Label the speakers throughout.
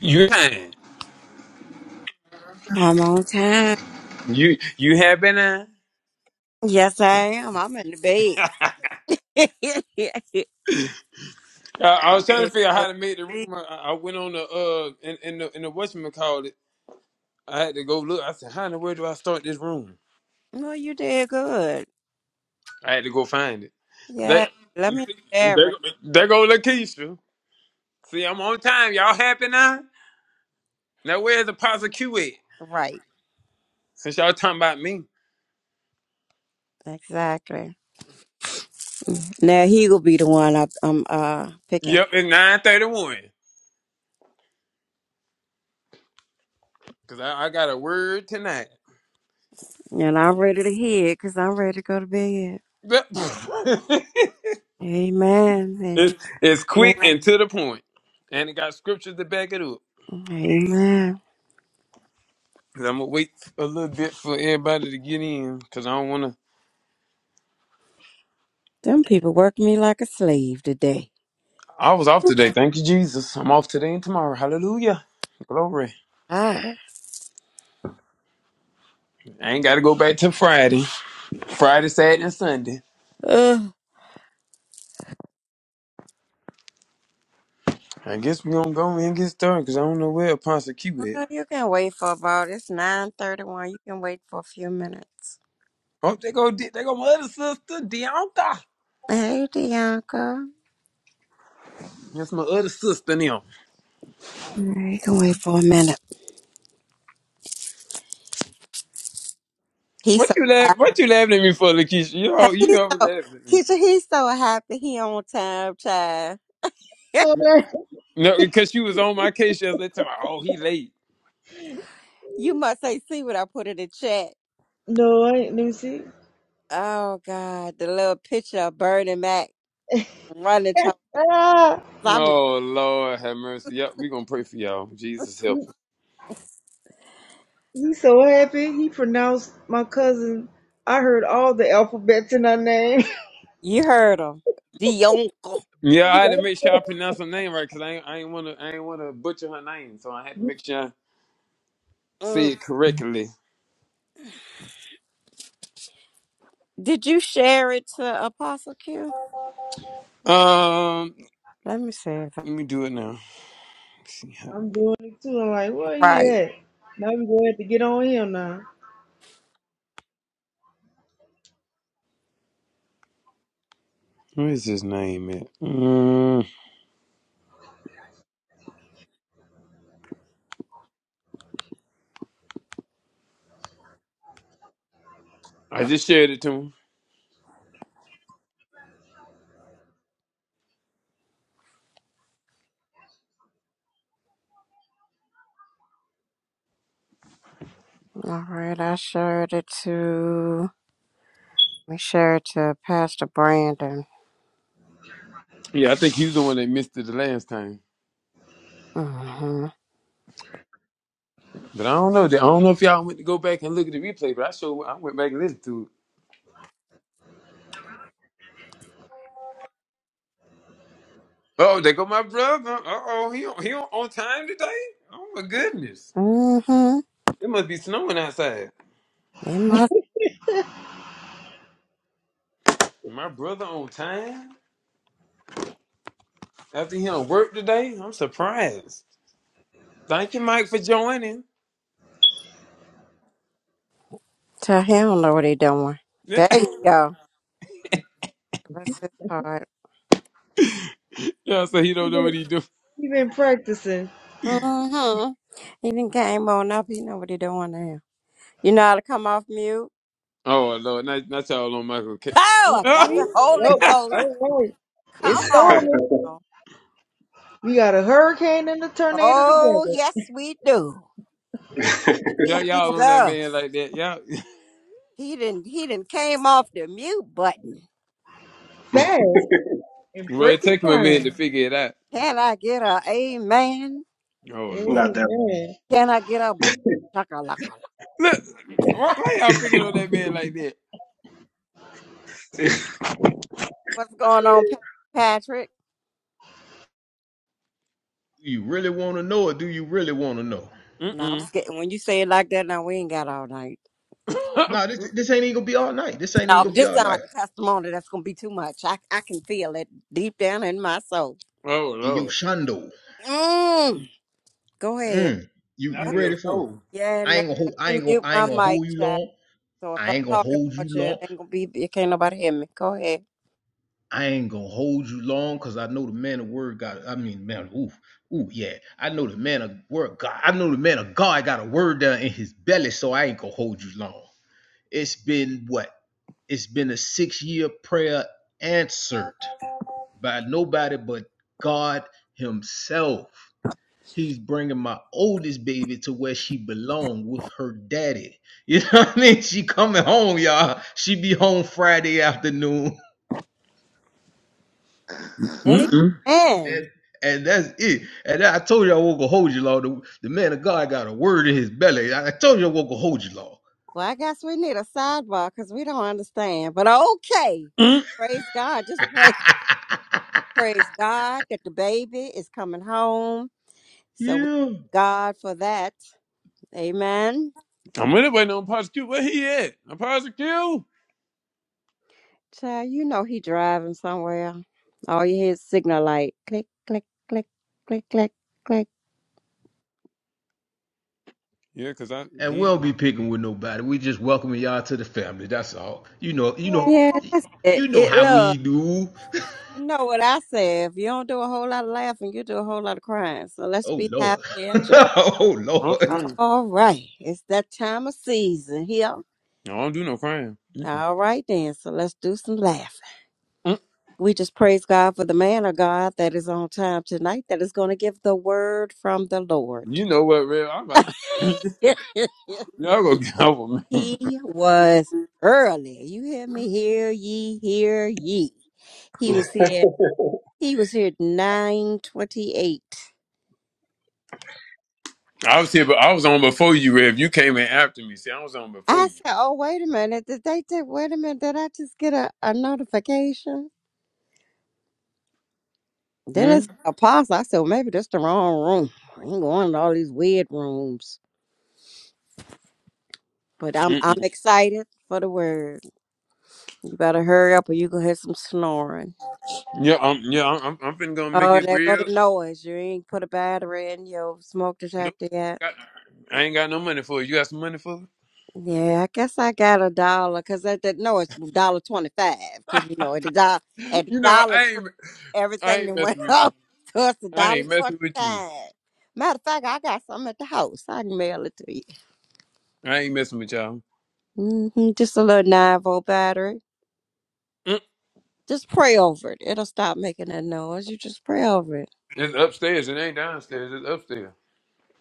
Speaker 1: You ain't.
Speaker 2: I'm on time.
Speaker 1: You you have been in.
Speaker 2: Yes, I am. I'm in the bed.
Speaker 1: I, I
Speaker 2: I'm
Speaker 1: was trying to
Speaker 2: ready to
Speaker 1: figure out
Speaker 2: go
Speaker 1: how
Speaker 2: to
Speaker 1: to make the room.
Speaker 2: sleep.
Speaker 1: I, I went on the uh in, in the in the whatchamacallit. called it. I had to go look. I said, "How in the world do I start this room?"
Speaker 2: Well, you did good.
Speaker 1: I had to go find it. They
Speaker 2: Yeah, let me
Speaker 1: they
Speaker 2: share it.
Speaker 1: go there go Lakeisha. See, I'm on time. Y'all happy now? Now where's the Apostle Q at?
Speaker 2: Right,
Speaker 1: Since y'all talking about me.
Speaker 2: exactly. Now he will be the one I, I'm uh picking,
Speaker 1: Yep, it's nine thirty one. Cause I, I got a word tonight.
Speaker 2: and I'm ready to hear because I'm ready to go to bed.
Speaker 1: But-
Speaker 2: Amen. And just
Speaker 1: it's, it's
Speaker 2: let-
Speaker 1: quick and to the point, and it got scriptures to back it up.
Speaker 2: amen.
Speaker 1: 'Cause I'm gonna wait a little bit for everybody to get in because I don't want to.
Speaker 2: Them people work me like a slave today.
Speaker 1: I was off today. Thank you, Jesus. I'm off today and tomorrow. Hallelujah. Glory.
Speaker 2: Ah.
Speaker 1: I ain't got to go back till Friday. Friday, Saturday, and Sunday.
Speaker 2: Ugh.
Speaker 1: I guess we going to go in and get started because I don't know where Apostle Q at.
Speaker 2: Well, you can wait for about it's nine thirty one. You can wait for a few minutes.
Speaker 1: Oh, they go, they go my other sister, Deonta.
Speaker 2: Hey, Bianca.
Speaker 1: That's my other sister now.
Speaker 2: All right, you can wait for a minute. He's
Speaker 1: What
Speaker 2: so
Speaker 1: you laugh,
Speaker 2: happy.
Speaker 1: What you laughing at me for, Lakeisha? You, al- you
Speaker 2: He's
Speaker 1: always
Speaker 2: so
Speaker 1: laughing at me.
Speaker 2: Keisha, he's so happy he on time, child.
Speaker 3: so happy.
Speaker 1: No, because she was on my case yesterday. talking about, Oh, he late.
Speaker 2: you must say see what I put in the chat.
Speaker 3: No, I ain't. Let me see.
Speaker 2: Oh God, the little picture of Bernie Mac running to
Speaker 3: Ah,
Speaker 2: I mean,
Speaker 1: Oh Lord, have mercy. Yep, we gonna pray for y'all. Jesus help. us.
Speaker 3: He's so happy. He pronounced my cousin. I heard all the alphabets in her name.
Speaker 2: you heard him. Dionka.
Speaker 1: Yeah,
Speaker 3: He-
Speaker 1: I had to make sure I pronounce her name right because I ain't, I ain't wanna I ain't wanna butcher her name, so I had to make sure I say
Speaker 2: Mm.
Speaker 1: it correctly.
Speaker 2: Did you share it to Apostle Q?
Speaker 1: Um,
Speaker 2: Let me see if I'm
Speaker 1: let me do it now. Let's see how,
Speaker 3: I'm doing it too. I'm like, where he
Speaker 2: right.
Speaker 3: at? Now we gonna have to get on him now.
Speaker 1: where is his name at? Mm, I just shared it to him.
Speaker 2: All right, I shared it to we shared it to Pastor Brandon.
Speaker 1: Yeah, I think he was the one that missed it the last time.
Speaker 2: hmm
Speaker 1: But I don't know. I don't know if y'all went to go back and look at the replay, but I sure I went back and listened to it. Oh, there go my brother. Uh oh, he on- he on on time today. Oh my goodness.
Speaker 2: Mm-hmm.
Speaker 1: It must be snowing outside.
Speaker 2: In my
Speaker 1: My brother on time after he done work today. I'm surprised. Thank you, Mike, for joining.
Speaker 2: to hell know what he doing.
Speaker 1: yeah,
Speaker 2: There you go. Bless his heart.
Speaker 1: so he
Speaker 3: He
Speaker 1: don't know what
Speaker 3: been
Speaker 1: he do.
Speaker 3: he been practicing.
Speaker 2: Mm-hmm. He done came on up. He know what he doing now. You know how to come off mute?
Speaker 1: Oh Lord, not, not y'all on Michael. K.
Speaker 3: Uh,
Speaker 2: Oh, I got
Speaker 3: See?
Speaker 2: the Holy
Speaker 3: Yep.
Speaker 2: Ghost.
Speaker 3: All right.
Speaker 2: Come
Speaker 3: It's
Speaker 2: on
Speaker 3: storming.
Speaker 2: now.
Speaker 3: We got a hurricane and a tornado
Speaker 2: Oh,
Speaker 3: together,
Speaker 2: yes, we do.
Speaker 1: Not y'all on that man
Speaker 2: Jesus.
Speaker 1: like that. Y'all.
Speaker 2: He didn't he didn't came off the mute button.
Speaker 3: fast and
Speaker 1: Well, it
Speaker 3: breaking
Speaker 1: took him a minute to
Speaker 3: time.
Speaker 1: figure it out.
Speaker 2: Can I get a amen?
Speaker 1: Oh Lord.
Speaker 4: Not that one.
Speaker 3: Amen.
Speaker 2: Can I get a boo? Chaka-laka-laka?
Speaker 1: Look, why, why y'all picking on that man like that?
Speaker 2: What's going on, Pa- Patrick?
Speaker 5: Do you really want to know, or do you really want to know?
Speaker 1: Mm
Speaker 2: No, I'm
Speaker 1: mm.
Speaker 2: scared. When you say it like that, now we ain't got all night.
Speaker 5: No, nah, this this ain't even gonna be all night. This ain't even
Speaker 2: No, but
Speaker 5: gonna be
Speaker 2: this
Speaker 5: all
Speaker 2: sound
Speaker 5: night.
Speaker 2: like a testimony. That's gonna be too much. I I can feel it deep down in my soul.
Speaker 1: oh
Speaker 5: And yo,
Speaker 1: Lord.
Speaker 5: Shondo,
Speaker 2: Mm. Go ahead.
Speaker 5: mm, you you
Speaker 1: Not
Speaker 2: Let
Speaker 1: in
Speaker 2: me,
Speaker 1: your
Speaker 5: ready for it?
Speaker 1: soul.
Speaker 2: yeah,
Speaker 5: I
Speaker 2: let,
Speaker 5: ain't gonna hold.
Speaker 2: let
Speaker 5: I
Speaker 2: me
Speaker 5: ain't gonna.
Speaker 2: mute
Speaker 5: I
Speaker 2: my
Speaker 5: ain't gonna
Speaker 2: mic,
Speaker 5: hold you
Speaker 2: child.
Speaker 5: long.
Speaker 2: So if I
Speaker 5: I ain't gonna
Speaker 2: talk
Speaker 5: hold you
Speaker 2: about you, it
Speaker 5: long.
Speaker 2: ain't gonna be. You can't nobody hear me. Go ahead.
Speaker 5: I ain't gonna hold you long because I know the man of word got. I mean, man, ooh, ooh, yeah. I know the man of word God. I know the man of God got a word down in his belly, so I ain't gonna hold you long. It's been what? It's been a six year prayer answered. by nobody but God Himself. He's bringing my oldest baby to where she belong with her daddy. You know what I mean? She coming home, y'all. She be home Friday afternoon,
Speaker 1: Mm
Speaker 2: Amen.
Speaker 5: and and that's it. And I told you I won't go hold you, Lord. The, the man of God got a word in his belly. I told you I won't go hold you, Lord.
Speaker 2: Well, I guess we need a sidebar because we don't understand. But okay,
Speaker 1: mm.
Speaker 2: praise God. Just pray, praise God that the baby is coming home. So we
Speaker 5: yeah.
Speaker 2: thank God for that. Amen.
Speaker 1: I'm really waiting on Apostle Q. Where he at? Apostle Q?
Speaker 2: Child, you know he driving somewhere. All you hear is signal light. Click, click, click, click, click, click.
Speaker 1: Yeah, cause I
Speaker 5: And we
Speaker 1: he
Speaker 5: don't be picking with nobody. We just welcoming y'all to the family. That's all. You know. You know.
Speaker 2: Yeah, that's it.
Speaker 5: You know
Speaker 2: It
Speaker 5: how
Speaker 2: look.
Speaker 5: we do.
Speaker 2: You know what I say. If you don't do a whole lot of laughing, you do a whole lot of crying. So let's
Speaker 5: Oh
Speaker 2: be
Speaker 5: Lord.
Speaker 2: happy and joy.
Speaker 5: oh
Speaker 1: uh-uh.
Speaker 5: Lord.
Speaker 2: All right. It's that time of season here.
Speaker 1: I don't do no crime.
Speaker 2: All right then. So let's do some laughing.
Speaker 1: Mm.
Speaker 2: We just praise God for the man of God that is on time tonight that is going to give the word from the Lord.
Speaker 1: You know what, Rev? I'm about y'all go get over me.
Speaker 2: He was early. You hear me? Hear ye, hear ye. He was here. He was here at nine twenty-eight.
Speaker 1: I was here, but I was on before you, Rev. You came in after me. See, I was on before
Speaker 2: I
Speaker 1: you.
Speaker 2: said, "Oh, wait a minute! Did they? Did, wait a minute! Did I just get a, a notification?" Then it
Speaker 1: Hmm.
Speaker 2: said apostle. I said, well, "Maybe that's the wrong room. I ain't going to all these weird rooms." But I'm I'm
Speaker 1: Mm-mm.
Speaker 2: excited for the word. You better hurry up, or you gonna hear some snoring.
Speaker 1: Yeah, I'm. Yeah, I'm. I'm I'm finna gonna make
Speaker 2: Oh,
Speaker 1: it
Speaker 2: there go
Speaker 1: real.
Speaker 2: the noise. You ain't put a battery in your smoke
Speaker 1: Nope.
Speaker 2: detector yet.
Speaker 1: Got- I ain't got no money for you. You got some money for
Speaker 2: Yeah, I guess I got a dollar because at that no, it's dollar twenty five because you know at the dollar
Speaker 1: me?
Speaker 2: at the
Speaker 1: You know,
Speaker 2: Dollar
Speaker 1: I
Speaker 2: Tree
Speaker 1: ain't. I
Speaker 2: everything
Speaker 1: ain't
Speaker 2: that went
Speaker 1: messing with you.
Speaker 2: up, so it's a
Speaker 1: I
Speaker 2: dollar
Speaker 1: ain't
Speaker 2: twenty
Speaker 1: messing with you.
Speaker 2: five. Matter of fact, I got some at the house. I can mail it to you.
Speaker 1: I ain't messing with y'all.
Speaker 2: hmm Just a little nine volt battery.
Speaker 1: Mm.
Speaker 2: Just pray over it. It'll stop making that noise. You just pray over it.
Speaker 1: It's upstairs. It ain't downstairs. It's upstairs.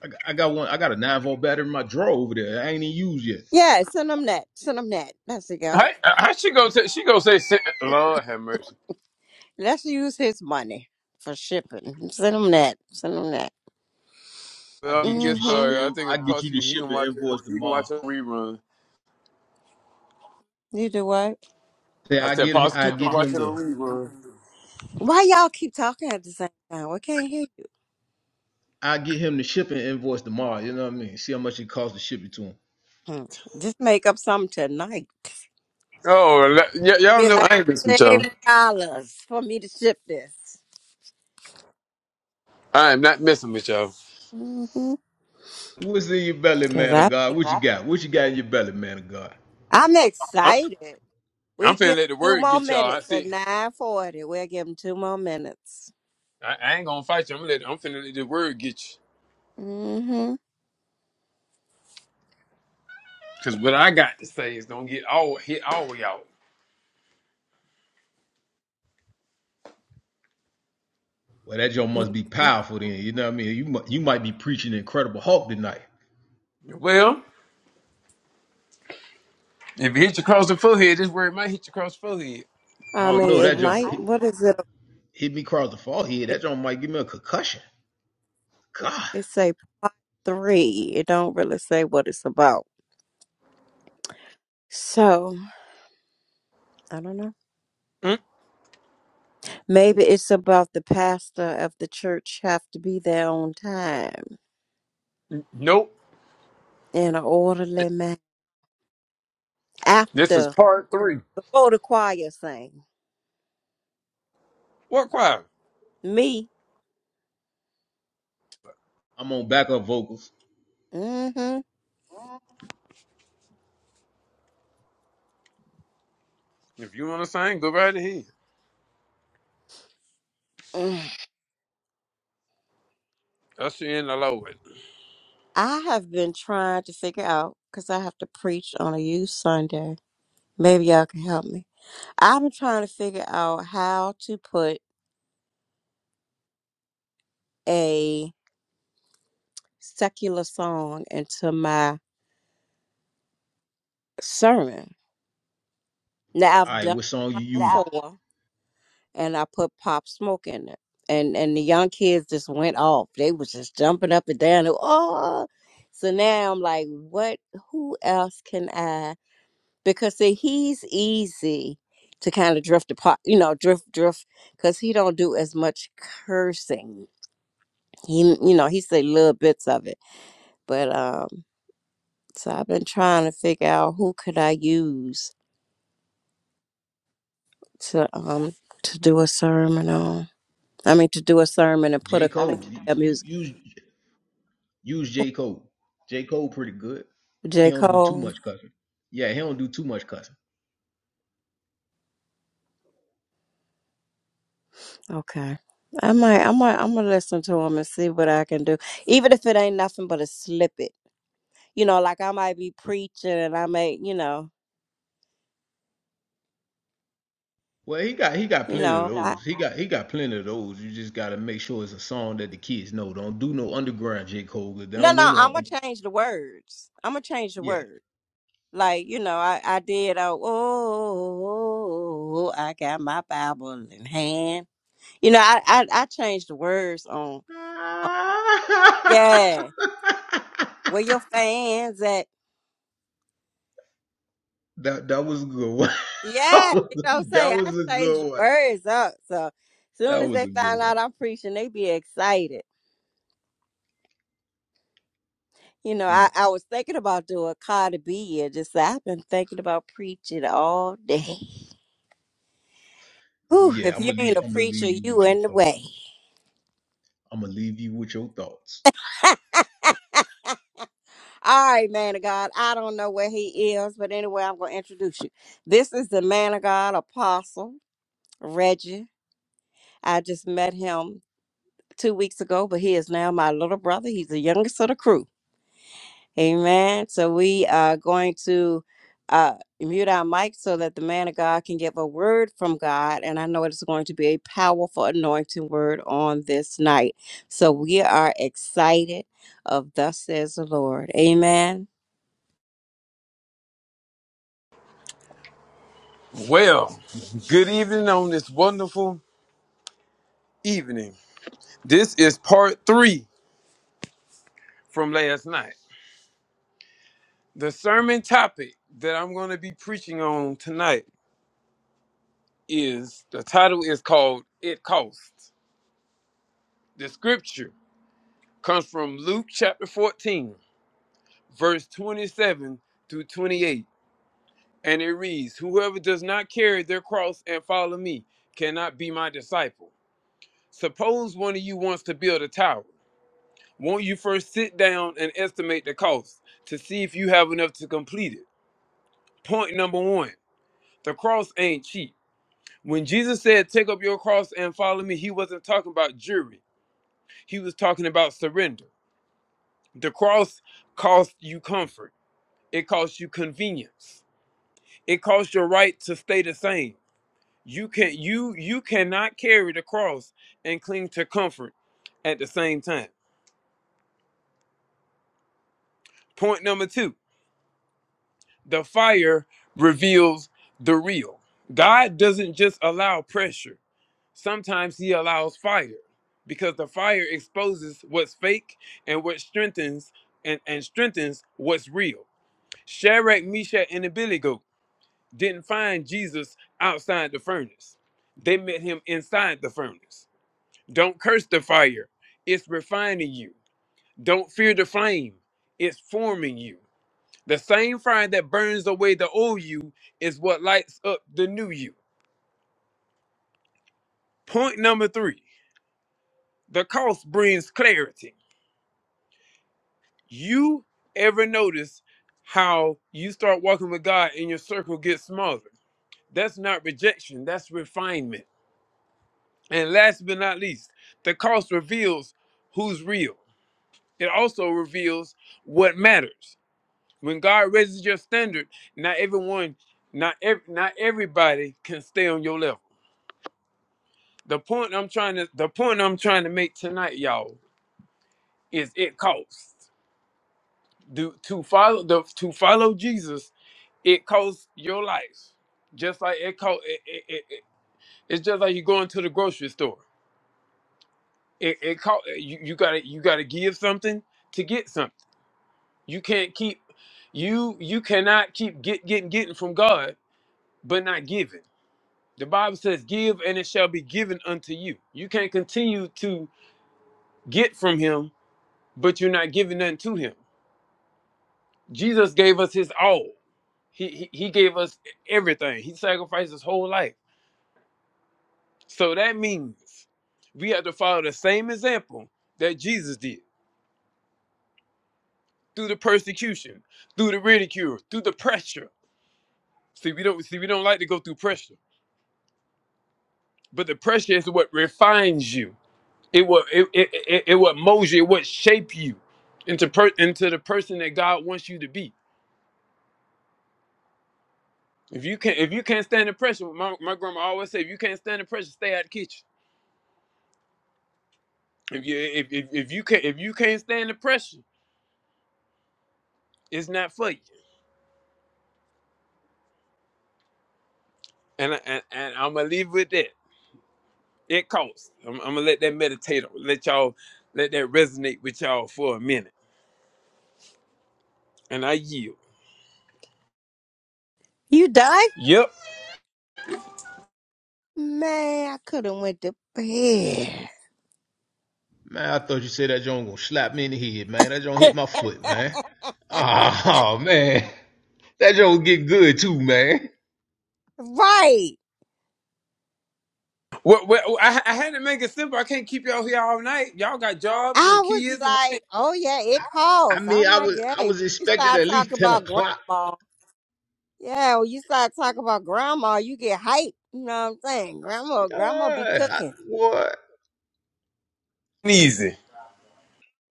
Speaker 5: I got, I got one. I got a nine volt battery in my drawer over there. I ain't even used yet.
Speaker 2: Yeah, send him that. Send him that. That's it, go.
Speaker 1: How, how she go say she go say sit- Lord have mercy.
Speaker 2: Let's use his money for shipping. Send him that. Send him that.
Speaker 5: I
Speaker 1: Well, I
Speaker 5: get you
Speaker 1: get
Speaker 5: the
Speaker 2: Mm-hmm.
Speaker 1: started. I
Speaker 5: shipping.
Speaker 1: think a
Speaker 5: I get you the
Speaker 1: prosecutor he can
Speaker 5: shipping
Speaker 1: watch it.
Speaker 5: invoice
Speaker 1: He can
Speaker 5: tomorrow.
Speaker 1: watch a rerun.
Speaker 2: You do what?
Speaker 5: Say
Speaker 1: I
Speaker 5: I
Speaker 1: said
Speaker 5: get I
Speaker 1: prosecutor can
Speaker 5: get
Speaker 1: watch
Speaker 5: him
Speaker 1: it on
Speaker 5: the
Speaker 1: rerun.
Speaker 2: Why y'all keep talking at the same time? We can't hear you.
Speaker 5: I get him the shipping invoice tomorrow. You know what I mean? See how much it costs to ship it to him.
Speaker 2: Hmm. Just make up something tonight.
Speaker 1: Oh, la- y- y'all
Speaker 2: Be
Speaker 1: know
Speaker 2: like,
Speaker 1: I ain't missing with y'all.
Speaker 2: save dollars for me to ship this.
Speaker 1: I am not messing with y'all.
Speaker 2: Mm-hmm.
Speaker 5: What's in your belly,
Speaker 2: Cause
Speaker 5: man
Speaker 2: I,
Speaker 5: of God? What you got? What you got in your belly, man of God?
Speaker 2: I'm
Speaker 1: I'm,
Speaker 2: excited.
Speaker 1: I'm
Speaker 2: We
Speaker 1: finna
Speaker 2: give
Speaker 1: let the
Speaker 2: 'em two
Speaker 1: word
Speaker 2: more
Speaker 1: get y'all. I
Speaker 2: minutes at
Speaker 1: see.
Speaker 2: nine forty. We'll give them two more minutes.
Speaker 1: I, I ain't gonna fight you. I'm gonna let. I'm finna let the word get you.
Speaker 2: hmm
Speaker 1: Cause what I got to say is gonna get all hit all of y'all.
Speaker 5: Well, that joint must be
Speaker 2: hmm
Speaker 5: powerful then. You know what I mean? You mu- you might be preaching Incredible Hulk tonight.
Speaker 1: Well, if it hit you across the forehead, this word might hit you across the forehead.
Speaker 5: I
Speaker 2: I
Speaker 5: don't
Speaker 2: mean,
Speaker 5: know
Speaker 2: it
Speaker 5: that joint.
Speaker 2: might.
Speaker 5: Hit,
Speaker 2: What is it?
Speaker 5: hit me across the forehead.
Speaker 2: It,
Speaker 5: That joint might give me a concussion. God.
Speaker 2: it say part three. It don't really say what it's about. So I don't know.
Speaker 1: Mm,
Speaker 2: Maybe it's about the pastor of the church have to be there on time
Speaker 1: nope.
Speaker 2: in an orderly manner
Speaker 1: This is
Speaker 2: after
Speaker 1: part three.
Speaker 2: before the choir sing.
Speaker 1: What choir?
Speaker 2: Me,
Speaker 5: I'm on backup vocals.
Speaker 2: mm-hmm.
Speaker 1: If you want to sing, go right ahead.
Speaker 2: mm.
Speaker 1: Usher in the Lord.
Speaker 2: I have been trying to figure out because I have to preach on a youth Sunday. Maybe y'all can help me. I've been trying to figure out how to put a secular song into my sermon. Now
Speaker 5: All
Speaker 2: I've
Speaker 5: right,
Speaker 2: done
Speaker 5: what song you
Speaker 2: one
Speaker 5: using? album.
Speaker 2: before and I put Pop Smoke in it. And and the young kids just went off. They was just jumping up and down. and, Oh, so now I'm like, what? Who else can I? Because see, he's easy to kind of drift apart. You know, drift, drift, because he don't do as much cursing. He, you know, he say little bits of it. But um, so I've been trying to figure out who could I use to um to do a sermon on. I mean, to do a sermon and
Speaker 5: J. I
Speaker 2: put a
Speaker 5: Cole.
Speaker 2: clip of
Speaker 5: You,
Speaker 2: their
Speaker 5: you
Speaker 2: music.
Speaker 5: use use J. Cole. J. Cole pretty good. He
Speaker 2: J.
Speaker 5: don't do too
Speaker 2: Cole.
Speaker 5: much cussing. Yeah, he don't do too much cussing.
Speaker 2: Okay. I might, I might, I'm gonna listen to him and see what I can do, even if it ain't nothing but a slip it. You know, like I might be preaching and I may, you know,
Speaker 5: Well, he got he got
Speaker 2: you
Speaker 5: plenty of
Speaker 2: know, I
Speaker 5: those. He got he got plenty of those. You just gotta make sure it's a song that the kids know. Don't do no underground J. Cole. 'cause They
Speaker 2: no,
Speaker 5: don't
Speaker 2: no,
Speaker 5: know
Speaker 2: I'm
Speaker 5: no
Speaker 2: gonna
Speaker 5: under,
Speaker 2: change the words. I'm gonna change the
Speaker 5: yeah.
Speaker 2: words. Like you know, I I did. Oh, oh, oh, oh, I got my Bible in hand. You know, I I, I changed the words on. on yeah, where your fans at?
Speaker 5: that that was a good one.
Speaker 2: Yeah, you know what I'm
Speaker 5: that
Speaker 2: saying?
Speaker 5: was
Speaker 2: I
Speaker 5: a
Speaker 2: changed the
Speaker 5: good one.
Speaker 2: words up. So
Speaker 5: That
Speaker 2: soon as
Speaker 5: was
Speaker 2: they
Speaker 5: a good
Speaker 2: find
Speaker 5: one.
Speaker 2: out I'm preaching, they be excited. You know,
Speaker 5: Mm.
Speaker 2: I, I was thinking about doing Cardi B and just say, I've been thinking about preaching all day. Whew,
Speaker 5: Yeah,
Speaker 2: if
Speaker 5: I'm
Speaker 2: you
Speaker 5: gonna
Speaker 2: ain't
Speaker 5: leave.
Speaker 2: a
Speaker 5: I'm gonna
Speaker 2: preacher,
Speaker 5: leave you
Speaker 2: you
Speaker 5: with your
Speaker 2: in the
Speaker 5: thoughts.
Speaker 2: way.
Speaker 5: I'm gonna leave you with your thoughts.
Speaker 2: All right, man of God. I don't know where he is, but anyway, I'm gonna introduce you. This is the man of God, Apostle Reggie. I just met him two weeks ago, but he is now my little brother. He's the youngest of the crew. Amen. So we are going to uh, mute our mic so that the man of God can give a word from God. And I know it's going to be a powerful anointing word on this night. So we are excited of thus says the Lord. Amen.
Speaker 1: Well, good evening on this wonderful evening. This is part three from last night. The sermon topic that I'm going to be preaching on tonight is the title is called It Costs. The scripture comes from Luke chapter 14, verse 27 through 28. And it reads, Whoever does not carry their cross and follow me cannot be my disciple. Suppose one of you wants to build a tower. Won't you first sit down and estimate the cost to see if you have enough to complete it? Point number one the cross ain't cheap. When Jesus said, Take up your cross and follow me, he wasn't talking about jury, he was talking about surrender. The cross costs you comfort, it costs you convenience, it costs your right to stay the same. You can you you cannot carry the cross and cling to comfort at the same time. Point number two. the fire reveals the real. God doesn't just allow pressure, sometimes He allows fire because the fire exposes what's fake and what strengthens and, and strengthens what's real. Shadrach, Meshach, and Abednego didn't find Jesus outside the furnace. They met him inside the furnace. Don't curse the fire. It's refining you. Don't fear the flame. It's forming you. The same fire that burns away the old you is what lights up the new you. Point number three the cost brings clarity. You ever notice how you start walking with God and your circle gets smaller? That's not rejection, that's refinement. And last but not least, the cost reveals who's real. It also reveals what matters. When God raises your standard, not everyone, not ev- not everybody can stay on your level the point I'm trying to the point I'm trying to make tonight, y'all, is it costs do to follow the to follow Jesus. It costs your life, just like it cost. It, it, it, it- it's just like you going to the grocery store. It it cost you. You gotta you gotta give something to get something. You can't keep you you cannot keep get getting getting from God, but not giving. The Bible says, "Give and it shall be given unto you." You can't continue to get from Him, but you're not giving nothing to Him. Jesus gave us his all. He, he he gave us everything. He sacrificed his whole life. So that means we have to follow the same example that Jesus did through the persecution, through the ridicule, through the pressure. See, we don't see we don't like to go through pressure, but the pressure is what refines you. It will it it, it, it what molds you. It what shape you into per, into the person that God wants you to be. If you can not if you can't stand the pressure, my, my grandma always said, if you can't stand the pressure, stay out the kitchen. If you if if, if you can if you can't stand the pressure, it's not for you. And I- and, and I'm gonna leave with that. It costs. I'm, I'm gonna let that meditate. on- Let y'all let that resonate with y'all for a minute. And I yield.
Speaker 2: You die?
Speaker 1: Yep.
Speaker 2: Man, I could have went to bed.
Speaker 5: Man, I thought you said that joint gonna slap me in the head, man. That joint hit my foot, man. Oh man, that joint get good too, man.
Speaker 2: Right.
Speaker 1: Well, well oh, I, I had to make it simple. I can't keep y'all here all night. Y'all got jobs
Speaker 2: I
Speaker 1: and
Speaker 2: was
Speaker 1: kids and
Speaker 2: like, oh yeah, it
Speaker 5: I
Speaker 2: costs.
Speaker 5: mean,
Speaker 2: I'm
Speaker 5: I
Speaker 2: like,
Speaker 5: was I
Speaker 2: hey,
Speaker 5: was
Speaker 2: you
Speaker 5: expecting
Speaker 2: start
Speaker 5: at
Speaker 2: talking
Speaker 5: least ten
Speaker 2: about
Speaker 5: o'clock.
Speaker 2: grandma. Yeah, when you start talking about grandma, you get hype. You know what I'm saying? Grandma, grandma be
Speaker 5: Yeah, I,
Speaker 2: cooking.
Speaker 5: what?
Speaker 1: easy.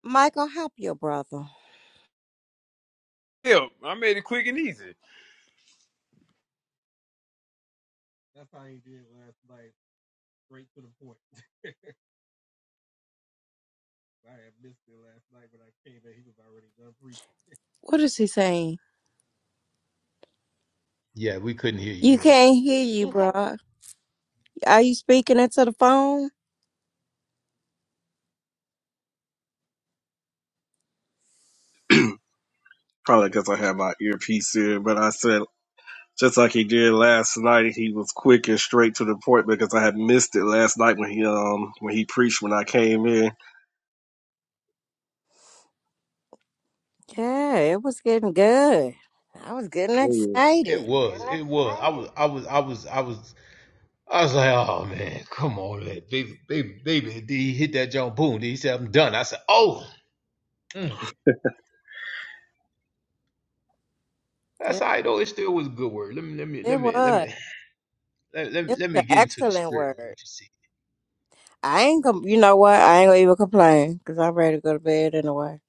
Speaker 2: Michael, help your brother.
Speaker 1: Hell, I made it quick and easy.
Speaker 4: missed it last night when I came in. He was already done preaching.
Speaker 2: What is he saying?
Speaker 5: Yeah, we couldn't hear you,
Speaker 2: You
Speaker 5: bro.
Speaker 2: can't hear you, bro. Are you speaking into the phone?
Speaker 4: Probably because I had my earpiece in, but I said, just like he did last night, he was quick and straight to the point because I had missed it last night when he um when he preached when I came in.
Speaker 2: Yeah, it was getting good. I was getting
Speaker 4: Oh,
Speaker 5: It
Speaker 2: excited.
Speaker 5: was, it was. I was, I was, I was, I was. I was like, oh man, come on, man. baby, baby, baby. Did he hit that joint? Boom. Did he say I'm done? I said, oh. mm. That's
Speaker 2: It,
Speaker 5: all right though. It still was a good word. Let me let me let
Speaker 2: it
Speaker 5: me let
Speaker 2: was.
Speaker 5: me let, let me
Speaker 2: It
Speaker 5: let
Speaker 2: was
Speaker 5: me
Speaker 2: an
Speaker 5: get into the
Speaker 2: excellent
Speaker 5: spirit of
Speaker 2: word.
Speaker 5: what you said.
Speaker 2: I ain't gonna, you know what? I ain't gonna even complain because I'm ready to go to bed anyway.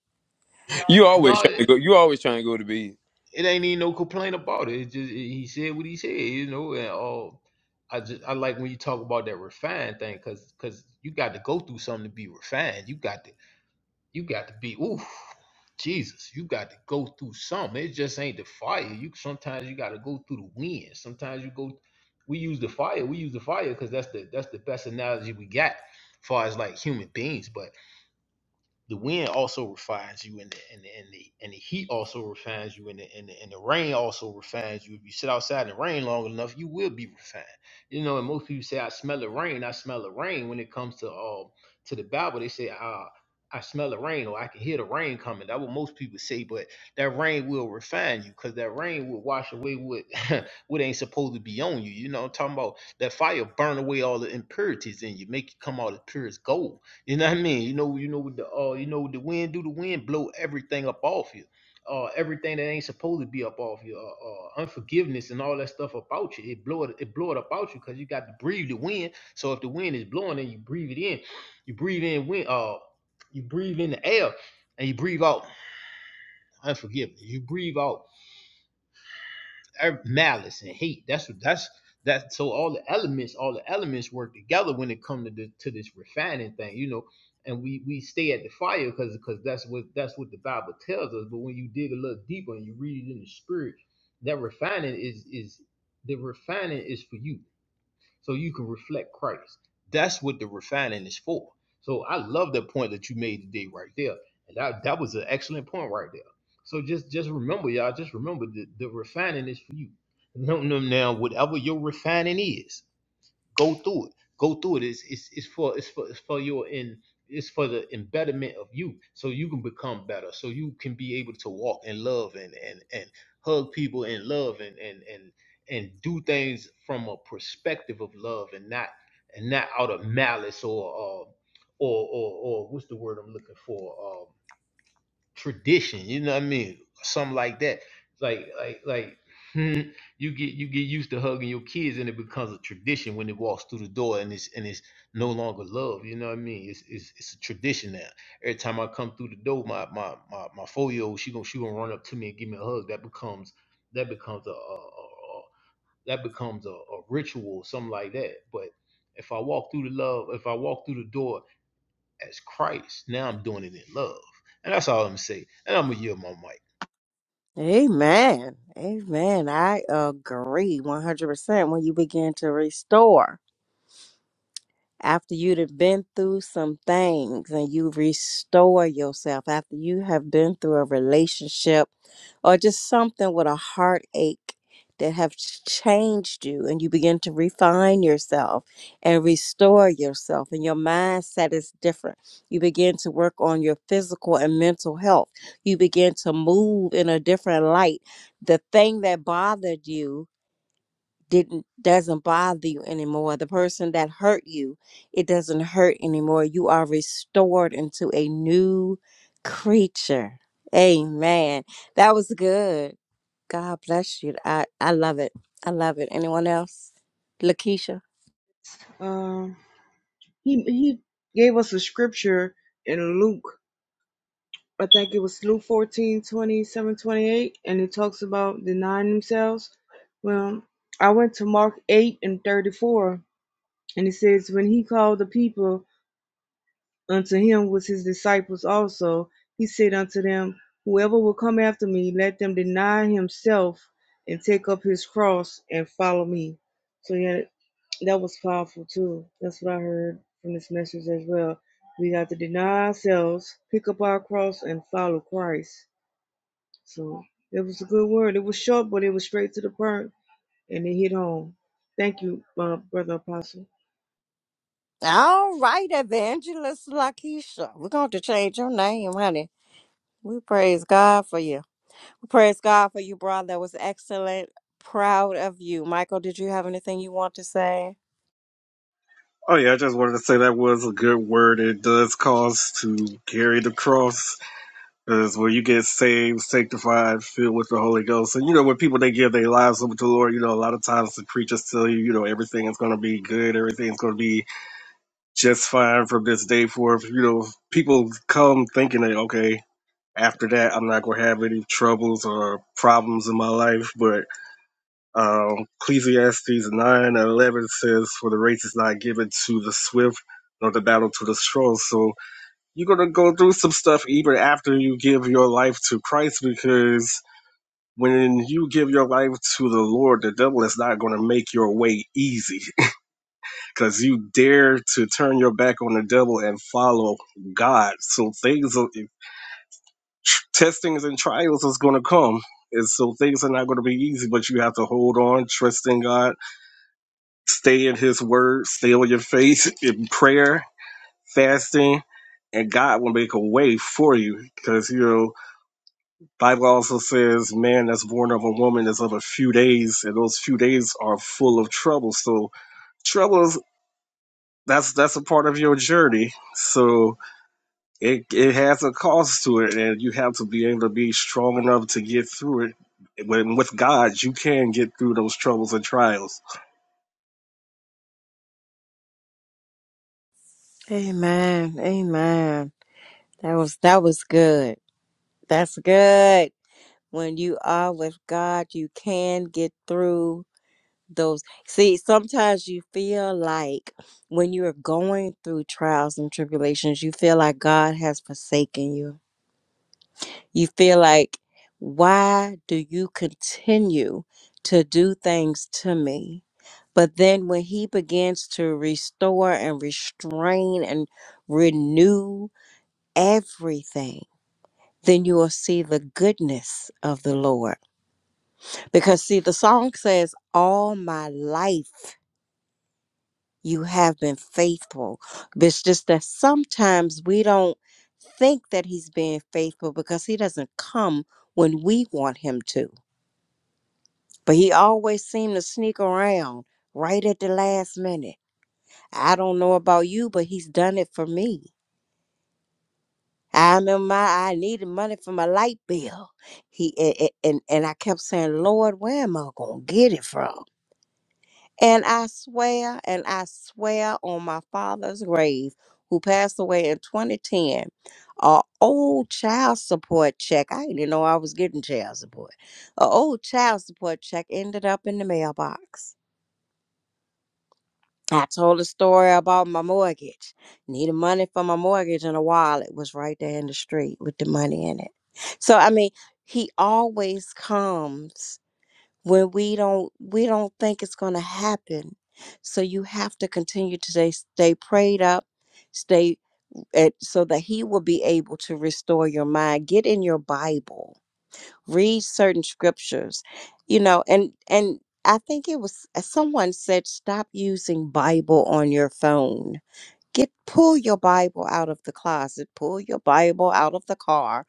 Speaker 1: You always
Speaker 5: No,
Speaker 1: trying to
Speaker 5: it,
Speaker 1: go. You always trying to go to bed.
Speaker 5: it ain't even no complaint about it. It's just he said what he said, you know. And all, I just I like when you talk about that refined thing, cause cause you got to go through something to be refined. You got to You got to be oof, Jesus. You got to go through something. It just ain't the fire. You sometimes you got to go through the wind. Sometimes you go. We use the fire. We use the fire because that's the that's the best analogy we got, as far as like human beings. But the wind also refines you and the and the and the, and the heat also refines you and the, and the and the rain also refines you if you sit outside in the rain long enough you will be refined you know and most people say i smell the rain i smell the rain when it comes to um to the bible they say uh I smell the rain, or I can hear the rain coming. That's what most people say, but that rain will refine you, cause that rain will wash away what what ain't supposed to be on you. You know, what I'm talking about that fire burn away all the impurities in you, make you come out as pure as gold. You know what I mean? You know, you know what the uh, you know what the wind do? The wind blow everything up off you. Uh, everything that ain't supposed to be up off you. Uh, uh, unforgiveness and all that stuff about you. It blow it, it blow it about you because you got to breathe the wind. So if the wind is blowing and you breathe it in, you breathe in wind. Uh, you breathe in the air and you breathe out unforgiveness. You breathe out er, malice and hate. That's what that's that. So all the elements, all the elements work together when it comes to the, to this refining thing, you know. And we we stay at the fire because because that's what that's what the Bible tells us. But when you dig a little deeper and you read it in the spirit, that refining is is the refining is for you so you can reflect Christ. That's what the refining is for. So I love the point that you made today right there. And that, that was an excellent point right there. So just just remember, y'all, just remember the, the refining is for you. No, no, now whatever your refining is. Go through it. Go through it. It's it's, it's for it's for it's for your in it's for the embetterment of you, so you can become better, so you can be able to walk in love and and and hug people in love and and and and do things from a perspective of love and not and not out of malice or uh, or or or what's the word I'm looking for? Uh, tradition. You know what I mean? Something like that. Like like like you get you get used to hugging your kids and it becomes a tradition when it walks through the door and it's and it's no longer love. You know what I mean? It's it's, it's a tradition now. Every time I come through the door, my my my, my four year old she gonna she gonna run up to me and give me a hug. That becomes that becomes a, a, a, a that becomes a, a ritual, something like that. But if I walk through the love, if I walk through the door as Christ. Now I'm doing it in love, and that's all I'm gonna say. And I'm gonna yield my mic.
Speaker 2: Amen. Amen. I agree 100% when you begin to restore. after you've been through some things and you restore yourself after you have been through a relationship or just something with a heartache that have ch- changed you and you begin to refine yourself and restore yourself and your mindset is different you begin to work on your physical and mental health you begin to move in a different light the thing that bothered you didn't doesn't bother you anymore the person that hurt you it doesn't hurt anymore you are restored into a new creature amen that was good god bless you i i love it i love it anyone else lakeisha
Speaker 3: Um. He he gave us a scripture in Luke. I think it was Luke 14 27 28, and it talks about denying themselves. Well, I went to Mark 8 and 34, and it says, When he called the people unto him was his disciples also, he said unto them, Whoever will come after me, let them deny himself and take up his cross and follow me. So yeah, that was powerful too. That's what I heard from this message as well. We got to deny ourselves, pick up our cross, and follow Christ. So it was a good word. It was short, but it was straight to the point, and it hit home. Thank you, uh, brother apostle.
Speaker 2: all right evangelist lakeisha we're going to change your name honey we praise god for you We praise god for you brother that was excellent proud of you michael did you have anything you want to say
Speaker 4: Oh yeah, I just wanted to say that was a good word. It does cost to carry the cross, because when you get saved, sanctified, filled with the Holy Ghost, and you know when people they give their lives over to the Lord, you know a lot of times the preachers tell you, you know everything is going to be good, everything's going to be just fine from this day forth. You know, people come thinking that okay, after that I'm not going to have any troubles or problems in my life, but um, Ecclesiastes 9 and 11 says, For the race is not given to the swift, nor the battle to the strong. So you're going to go through some stuff even after you give your life to Christ because when you give your life to the Lord, the devil is not going to make your way easy because you dare to turn your back on the devil and follow God. So things, are- eh, testings and trials is going to come. And so things are not going to be easy, but you have to hold on, trust in God Stay in His Word, stay on your face in prayer, fasting, and God will make a way for you. Because you know, Bible also says, "Man that's born of a woman is of a few days," and those few days are full of trouble. So troubles that's that's a part of your journey. So it it has a cost to it, and you have to be able to be strong enough to get through it. When with God, you can get through those troubles and trials.
Speaker 2: Amen. Amen. That was that was good. That's good. When you are with God, you can get through those. See, sometimes you feel like when you are going through trials and tribulations, you feel like God has forsaken you. You feel like, why do you continue to do things to me? But then when he begins to restore and restrain and renew everything, then you will see the goodness of the Lord. Because, see, the song says, All my life you have been faithful. But It's just that sometimes we don't think that He's being faithful because He doesn't come when we want Him to. But He always seems to sneak around right at the last minute. I don't know about you, but He's done it for me. I remember my I needed money for my light bill. He a- a- and and I kept saying, Lord, where am I gonna get it from? And I swear, and I swear on my father's grave, who passed away in 2010, a old child support check. I didn't even know I was getting child support. A old child support check ended up in the mailbox. I told a story about my mortgage. Needed money for my mortgage, and a wallet was right there in the street with the money in it. So I mean, he always comes when we don't we don't think it's going to happen. So you have to continue to stay, stay prayed up, stay at, so that he will be able to restore your mind. Get in your Bible read certain scriptures you know and and i think it was uh, someone said stop using bible on your phone get pull your bible out of the closet pull your bible out of the car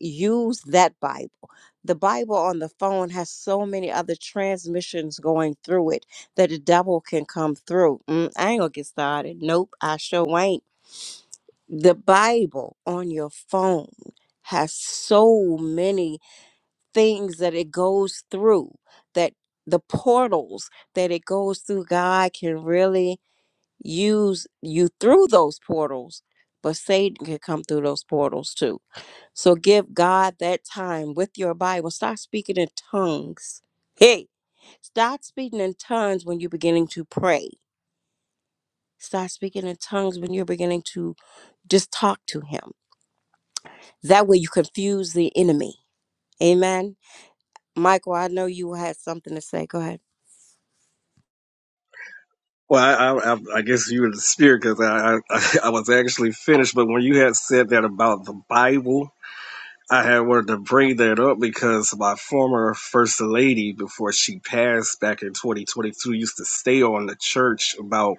Speaker 2: use that bible the bible on the phone has so many other transmissions going through it that the devil can come through mm, i ain't gonna get started nope i sure ain't the bible on your phone has so many things that it goes through, that the portals that it goes through, God can really use you through those portals, but Satan can come through those portals too. So give God that time with your Bible. Start speaking in tongues. Hey, start speaking in tongues when you're beginning to pray. Start speaking in tongues when you're beginning to just talk to Him. That way you confuse the enemy. Amen. Michael, I know you had something to say. Go ahead.
Speaker 4: Well, I I, I guess you were the spirit because I, I I was actually finished. But when you had said that about the Bible, I had wanted to bring that up because my former first lady, before she passed back in 2022, used to stay on the church about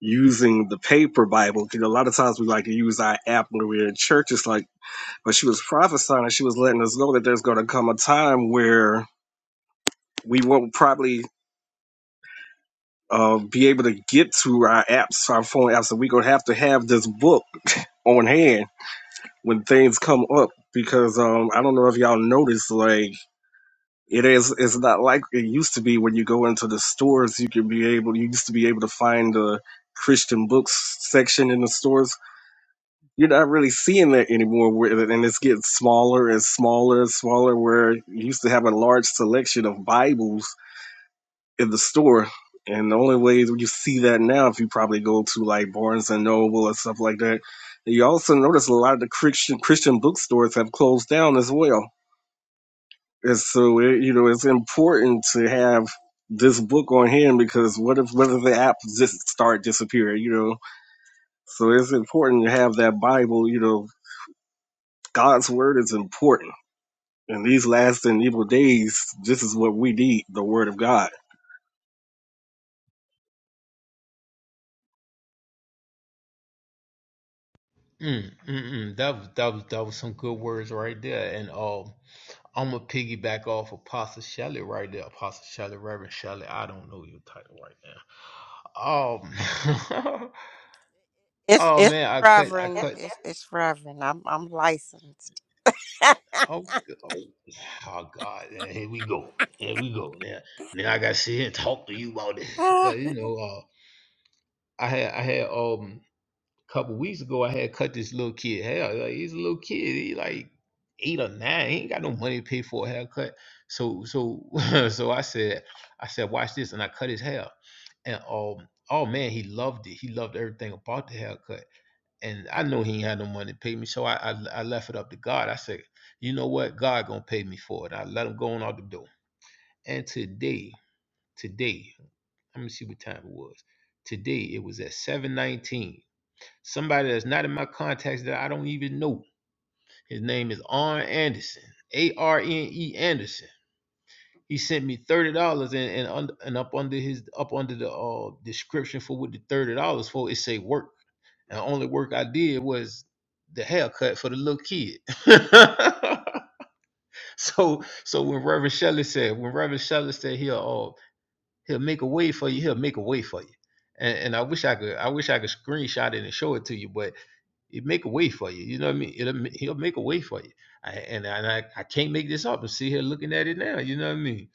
Speaker 4: using the paper Bible. Because a lot of times we like to use our app when we're in church. It's like, but she was prophesying and she was letting us know that there's going to come a time where we won't probably uh, be able to get to our apps, our phone apps, and we're going to have to have this book on hand when things come up. Because um, I don't know if y'all noticed, like, It is. It's not like it used to be when you go into the stores. You can be able. You used to be able to find the Christian books section in the stores. You're not really seeing that anymore. Where and it's getting smaller and smaller and smaller. Where you used to have a large selection of Bibles in the store. And the only way that you see that now, if you probably go to like Barnes and Noble and stuff like that, you also notice a lot of the Christian Christian bookstores have closed down as well and so, it, you know, it's important to have this book on hand because what if what if the app just start disappearing? You know, so it's important to have that Bible. You know, God's word is important. In these last and evil days, this is what we need: the word of God.
Speaker 5: Mm, mm, mm. That was that was that was some good words right there. And um, I'm gonna piggyback off Apostle Shelley right there. Apostle Shelley, Reverend Shelley. I don't know your title right now. Um,
Speaker 2: It's
Speaker 5: oh
Speaker 2: it's
Speaker 5: man, I cut, I
Speaker 2: Reverend.
Speaker 5: cut.
Speaker 2: It's it's Reverend. I'm I'm licensed.
Speaker 5: Oh, oh, oh God, eh, here we go. Here we go. Now, now I gotta sit here and talk to you about this. But you know, uh, I had, I had, um. couple weeks ago, I had cut this little kid hair. Like, he's a little kid. He like eight or nine. He ain't got no money to pay for a haircut. So so so I said, I said, watch this, and I cut his hair. And um, oh man, he loved it. He loved everything about the haircut. And I know he ain't had no money to pay me, so I I, I left it up to God. I said, you know what, God gonna pay me for it. And I let him go on out the door. And today, today, let me see what time it was. Today it was at 7:19. Somebody that's not in my contacts that I don't even know. His name is Arn Anderson. A R N E Anderson. He sent me thirty dollars and and, under, and up under his up under the uh, description for what the thirty dollars for it say work. And the only work I did was the haircut for the little kid. so so when Reverend Shelley said when Reverend Shelley said he'll uh, he'll make a way for you he'll make a way for you. And, and I wish I could I wish I could screenshot it and show it to you, but It make a way for you. You know what I mean? It'll, he'll make a way for you. I, and and I, I can't make this up. I'm sitting here looking at it now. You know what I mean?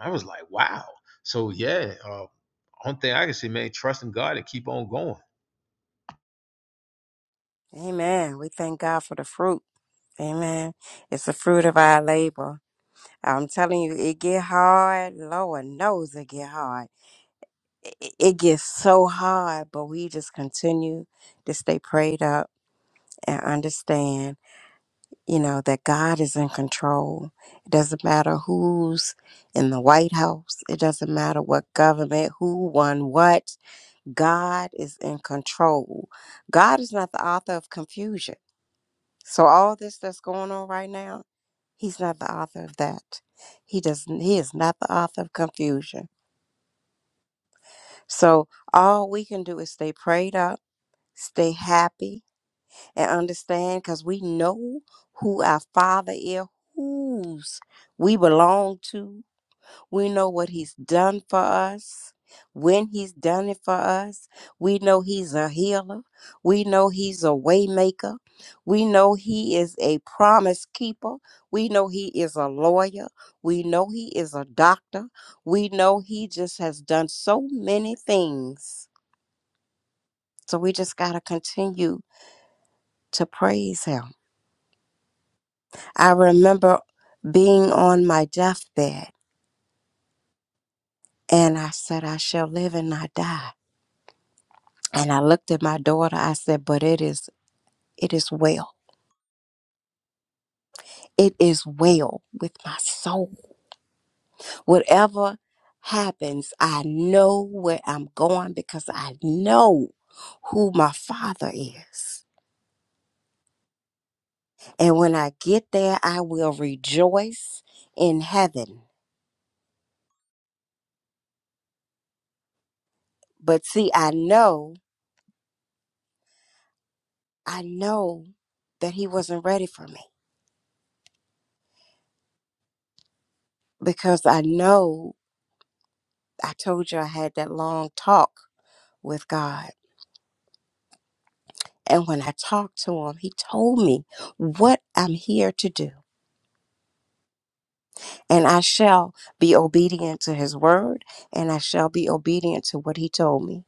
Speaker 5: I was like, wow. So yeah, uh, one thing I can say, man, trust in God and keep on going.
Speaker 2: Amen. We thank God for the fruit. Amen. It's the fruit of our labor. I'm telling you, it get hard. Lord knows it get hard. It, it it gets so hard, but we just continue to stay prayed up and understand, you know, that God is in control. It doesn't matter who's in the White House. It doesn't matter what government, who won what God is in control. God is not the author of confusion. So all this that's going on right now, he's not the author of that. He doesn't he is not the author of confusion. So all we can do is stay prayed up, stay happy, and understand because we know who our father is, whose we belong to, We know what he's done for us, when he's done it for us. We know he's a healer. We know he's a waymaker. We know he is a promise keeper. We know he is a lawyer. We know he is a doctor. We know he just has done so many things. So we just got to continue to praise him. I remember being on my deathbed and I said, I shall live and not die And I looked at my daughter, I said, But it is it is well. It is well with my soul. Whatever happens, I know where I'm going because I know who my father is. And when I get there, I will rejoice in heaven. But see, I know, I know that he wasn't ready for me because I know I told you I had that long talk with God. And when I talked to him, he told me what I'm here to do. And I shall be obedient to his word, and I shall be obedient to what he told me.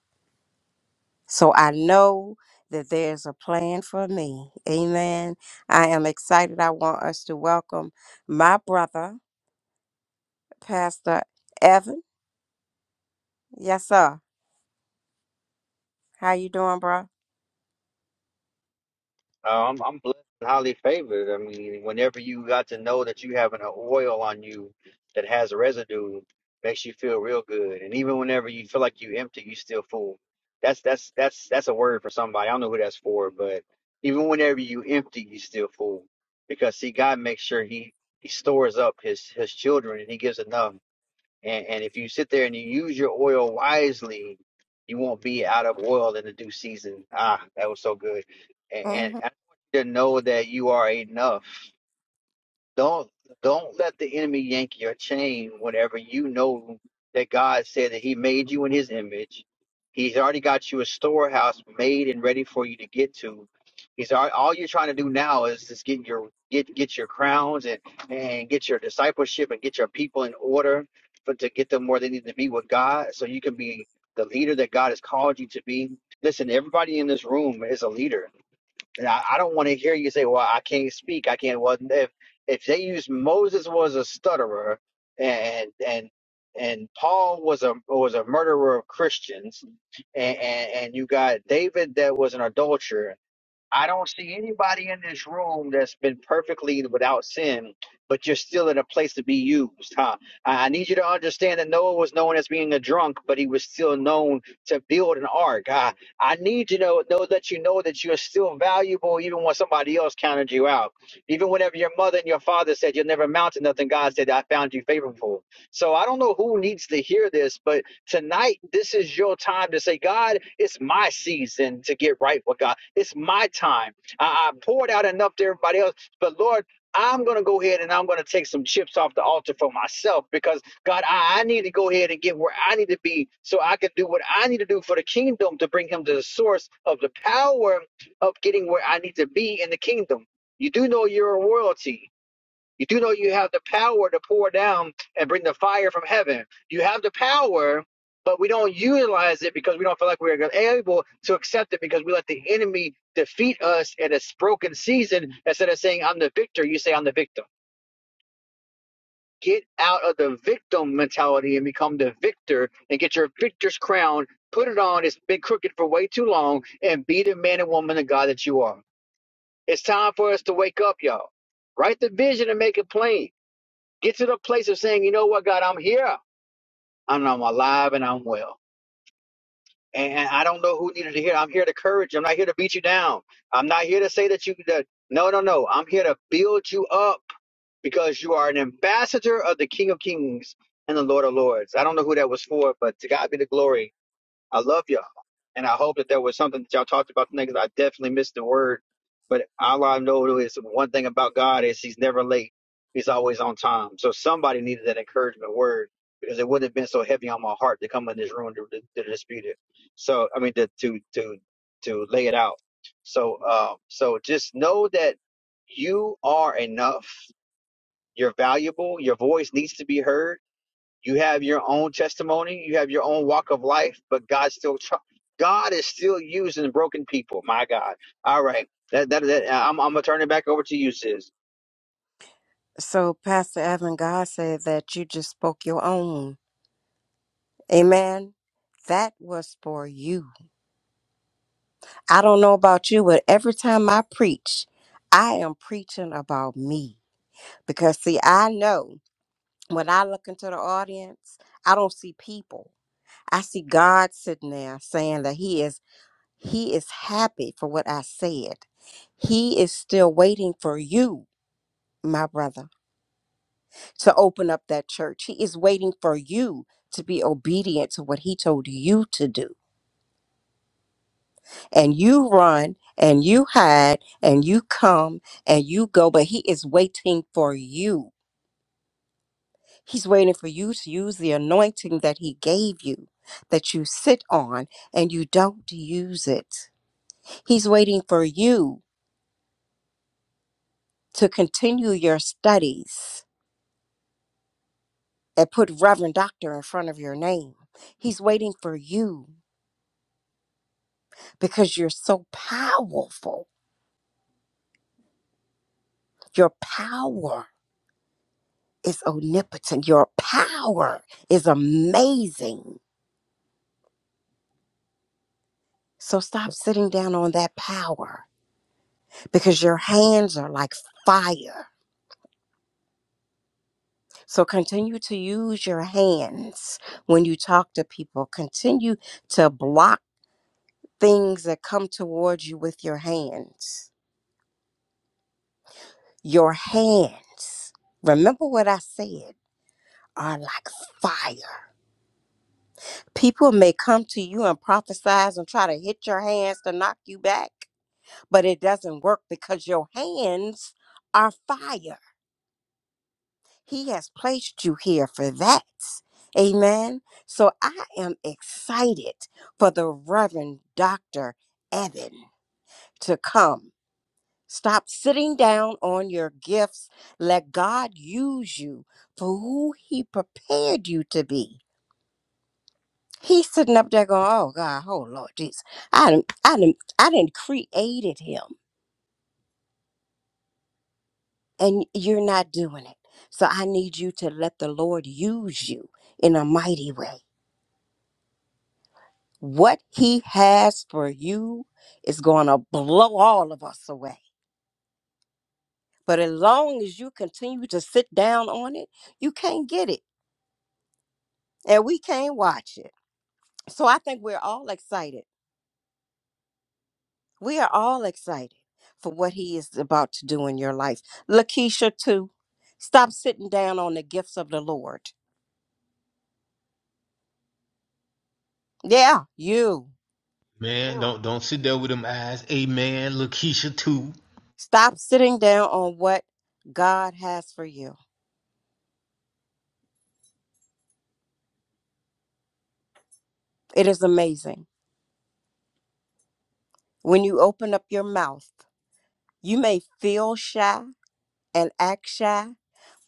Speaker 2: So I know that there's a plan for me. Amen. I am excited. I want us to welcome my brother, Pastor Evan. Yes, sir. How you doing, bro?
Speaker 6: Uh, I'm, I'm blessed and highly favored. I mean, whenever you got to know that you having an oil on you that has residue, makes you feel real good. And even whenever you feel like you empty, you still full. That's that's that's that's a word for somebody. I don't know who that's for, but even whenever you empty, you still full. Because see, God makes sure He He stores up His His children, and He gives enough and, and if you sit there and you use your oil wisely, you won't be out of oil in the due season. Ah, that was so good. And, and
Speaker 2: hmm
Speaker 6: I want you to know that you are enough. Don't don't let the enemy yank your chain whenever you know that God said that He made you in His image. He's already got you a storehouse made and ready for you to get to. He's al- all you're trying to do now is just get your get get your crowns and and get your discipleship and get your people in order for to get them where they need to be with God, so you can be the leader that God has called you to be. Listen, everybody in this room is a leader and I, I don't want to hear you say, "Well, I can't speak. I can't." Well, if if they use Moses was a stutterer, and and and Paul was a was a murderer of Christians, and and, and you got David that was an adulterer, I don't see anybody in this room that's been perfectly without sin, but you're still in a place to be used, huh? I I need you to understand that Noah was known as being a drunk, but he was still known to build an ark. I, I need to know, know that you know that you're still valuable even when somebody else counted you out. Even whenever your mother and your father said you'll never amount to nothing, God said, I found you favorable. So I don't know who needs to hear this, but Tonight, this is your time to say, God, it's my season to get right with God. It's my time. I, I poured out enough to everybody else, but Lord, I'm going to go ahead and I'm going to take some chips off the altar for myself because, God, I, I need to go ahead and get where I need to be so I can do what I need to do for the kingdom to bring him to the source of the power of getting where I need to be in the kingdom. You do know you're a royalty. You do know you have the power to pour down and bring the fire from heaven. You have the power, but we don't utilize it because we don't feel like we're able to accept it because we let the enemy defeat us in a broken season. Instead of saying, I'm the victor, you say, I'm the victim. Get out of the victim mentality and become the victor and get your victor's crown. Put it on. It's been crooked for way too long and be the man and woman of God that you are. It's time for us to wake up, y'all. Write the vision and make it plain Get to the place of saying, you know what, God, I'm here. I'm, I'm alive and I'm well. And, I don't know who needed to hear. I'm here to encourage. you. I'm not here to beat you down. I'm not here to say that you, that, no, no, no. I'm here to build you up because you are an ambassador of the King of Kings and the Lord of Lords. I don't know who that was for, but to God be the glory I love y'all. And I hope that there was something that y'all talked about tonight because I definitely missed the word. But all I know is one thing about God is he's never late. He's always on time. So somebody needed that encouragement word because it wouldn't have been so heavy on my heart to come in this room to, to, to dispute it. So, I mean, to, to, to, to lay it out. So, um, so just know that you are enough. You're valuable. Your voice needs to be heard you have your own testimony. You have your own walk of life, but God still tr- God is still using broken people. My God. All right. That that, that uh, I'm, I'm gonna turn it back over to you, sis.
Speaker 2: So, Pastor Evan, God said that you just spoke your own. Amen. That was for you. I don't know about you, but every time I preach, I am preaching about me. Because, see, I know when I look into the audience, I don't see people. I see God sitting there saying that He is. He is happy for what I said. He is still waiting for you, my brother, to open up that church. He is waiting for you to be obedient to what he told you to do. and you run and you hide and you come and you go, but he is waiting for you. He's waiting for you to use the anointing that he gave you, that you sit on and you don't use it. He's waiting for you to continue your studies and put Reverend Doctor in front of your name. He's waiting for you because you're so powerful. Your power. is omnipotent. Your power is amazing. So stop sitting down on that power because your hands are like fire. So continue to use your hands when you talk to people. Continue to block things that come towards you with your hands. Your hands, remember what I said, are like fire. People may come to you and prophesize and try to hit your hands to knock you back but it doesn't work because your hands are fire. He has placed you here for that. Amen. So I am excited for the Reverend Dr. Evan to come. Stop sitting down on your gifts. Let God use you for who He prepared you to be. He's sitting up there going, "Oh God, oh Lord Jesus, I didn't, I didn't, I didn't created him. and you're not doing it. So I need you to let the Lord use you in a mighty way. What He has for you is going to blow all of us away. But as long as you continue to sit down on it, you can't get it and we can't watch it. So I think we're all excited. We are all excited for what He is about to do in your life. Lakeisha, too. Stop sitting down on the gifts of the Lord. Yeah, you.
Speaker 5: Man, don't don't sit there with them eyes. Amen. Lakeisha too.
Speaker 2: Stop sitting down on what God has for you. It is amazing. When you open up your mouth, you may feel shy and act shy,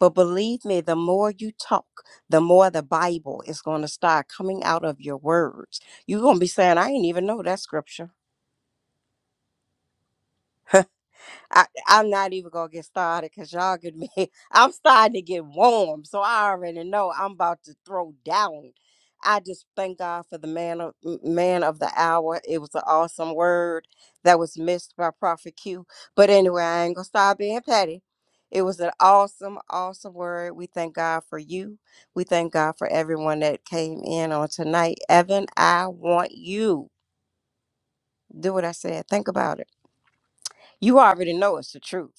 Speaker 2: but believe me, the more you talk, the more the Bible is going to start coming out of your words. You're going to be saying, I didn't even know that scripture. I, I'm not even gonna get started because y'all could be. I'm starting to get warm, so I already know I'm about to throw down. I just thank God for the man of m- man of the hour. It was an awesome word that was missed by Prophet Q. But anyway, I ain't gonna stop being petty. It was an awesome, awesome word. We thank God for you. We thank God for everyone that came in on tonight. Evan, I want you. Do what I said. Think about it. You already know it's the truth.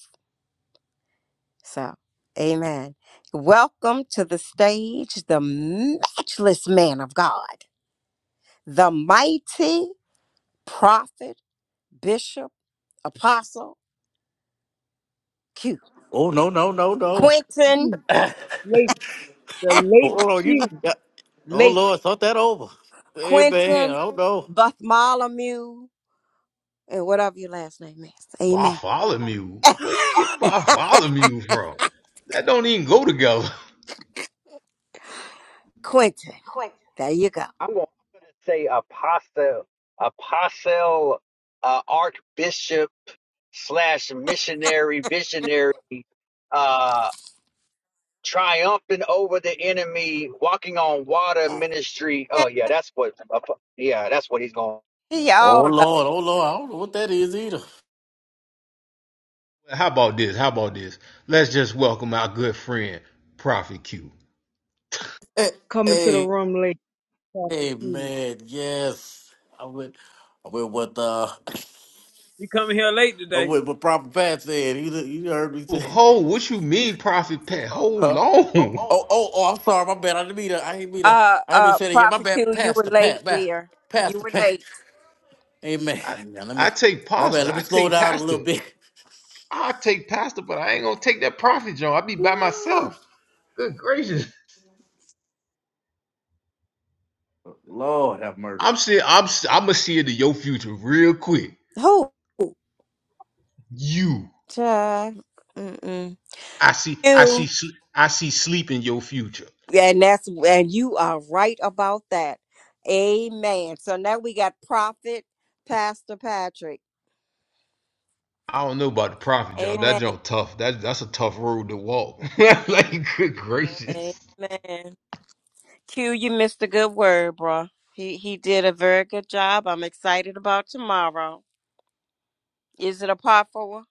Speaker 2: So, amen. Welcome to the stage, the matchless man of God, the mighty prophet, bishop, apostle, Q.
Speaker 7: Oh no no no no!
Speaker 2: Quentin,
Speaker 3: Late, the late
Speaker 7: Oh you,
Speaker 3: Q,
Speaker 7: yeah. oh
Speaker 3: late
Speaker 7: Lord, thought that over. Hey man, I
Speaker 2: Quentin,
Speaker 7: don't know.
Speaker 2: Bartholomew, and whatever your last name is. Amen.
Speaker 5: Bartholomew. Where you get Bartholomew from? That don't even go together.
Speaker 2: Quentin, there you go.
Speaker 6: I'm gonna, I'm gonna say apostle, apostle, uh, archbishop slash missionary, visionary, uh, triumphant over the enemy, walking on water ministry. Oh yeah, that's what. Yeah, that's what he's going.
Speaker 7: Oh
Speaker 2: Y'all, uh,
Speaker 7: Lord, oh Lord, I don't know what that is either.
Speaker 5: How about this? How about this? Let's just welcome our good friend, Prophet Q.
Speaker 7: Hey,
Speaker 3: Coming to the
Speaker 7: hey,
Speaker 3: room late. Prophet
Speaker 7: hey
Speaker 3: Q.
Speaker 7: man, yes, I went, I went with uh,
Speaker 1: You coming here late
Speaker 7: I
Speaker 1: today?
Speaker 7: went with proper Pat said. You you heard me
Speaker 5: Oh,
Speaker 7: say,
Speaker 5: Ho, what you mean, Prophet Pat? Hold
Speaker 7: huh?
Speaker 5: on.
Speaker 7: Oh oh oh, I'm sorry, my bad. I didn't mean to. I didn't mean to.
Speaker 2: uh,
Speaker 7: I didn't mean
Speaker 2: uh,
Speaker 7: to say it again. My
Speaker 2: prophet
Speaker 7: bad.
Speaker 2: Q, you were
Speaker 7: Pastor Pat,
Speaker 2: late,
Speaker 7: man.
Speaker 2: dear. You
Speaker 7: Pastor
Speaker 2: were
Speaker 7: Pat.
Speaker 2: late.
Speaker 7: Amen.
Speaker 5: I,
Speaker 7: Amen. Let me.
Speaker 5: I take
Speaker 7: My bad.
Speaker 5: pasta.
Speaker 7: Let
Speaker 5: I
Speaker 7: me slow
Speaker 5: take
Speaker 7: down a little
Speaker 5: pasta.
Speaker 7: bit.
Speaker 5: I take pasta, but I ain't gonna take that profit, John. I be by
Speaker 7: Woo.
Speaker 5: myself. Good gracious.
Speaker 7: Lord have mercy.
Speaker 5: I'm seeing. I'm. s- I'm gonna see into your future real quick.
Speaker 2: Who?
Speaker 5: You.
Speaker 2: Child. Mm-mm.
Speaker 5: I see. I
Speaker 2: You.
Speaker 5: see. sl- I see sleep in your future.
Speaker 2: And that's and you are right about that. Amen. So now we got Prophet Pastor Patrick.
Speaker 5: I don't know about the profit, John. That
Speaker 2: Amen.
Speaker 5: John tough. That that's a tough road to walk. like good gracious.
Speaker 2: Amen. Q, you missed a good word, bro. He he did a very good job. I'm excited about tomorrow. Is it a part four?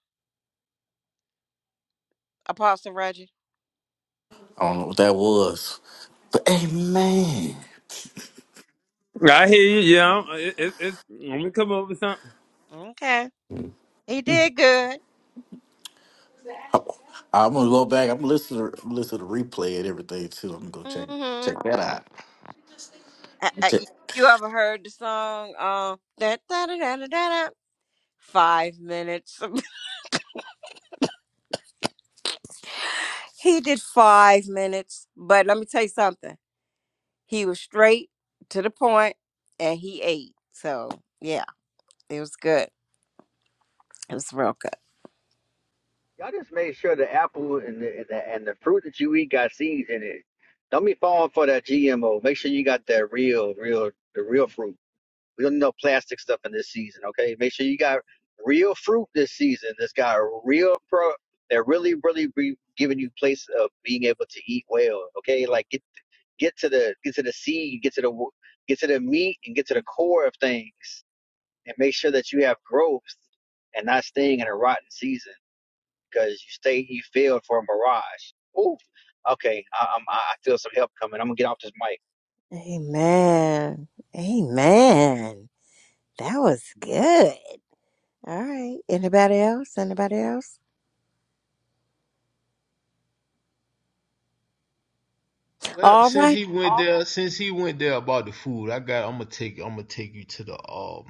Speaker 2: Apostle Reggie?
Speaker 7: I don't know what that was, but hey, man,
Speaker 1: I hear you. Yeah, I'm, it, it, it's, I'm gonna come up with something.
Speaker 2: Okay. He did good.
Speaker 7: I, am gonna go back. I'm gonna listen to I'm gonna listen to the replay and everything too. I'm gonna go check
Speaker 2: Mm-hmm.
Speaker 7: check that out.
Speaker 2: I,
Speaker 7: I'm Check,
Speaker 2: I, you ever heard the song uh da da da da da da? da, Five minutes. He did five minutes, but let me tell you something. He was straight to the point and he ate. So, yeah, it was good. It was real good.
Speaker 6: Y'all just made sure the apple and the, and the and the fruit that you eat got seeds in it. Don't be falling for that GMO. Make sure you got that real, real, the real fruit. We don't need no plastic stuff in this season, okay? Make sure you got real fruit this season. That's got real pro that really, really be giving you place of being able to eat well, okay? Like get get to the get to the seed, get to the wo- get to the meat, and get to the core of things, and make sure that you have growth and not staying in a rotten season because you state you failed for a mirage. Ooh, okay. I, I'm, I feel some help coming. I'm gonna get off this mic.
Speaker 2: Amen. Amen. That was good. All right. Anybody else? Anybody else?
Speaker 5: Well,
Speaker 2: All
Speaker 5: since
Speaker 2: right.
Speaker 5: he went there, since he went there about the food, I got. I'm gonna take. I'm gonna take you to the um.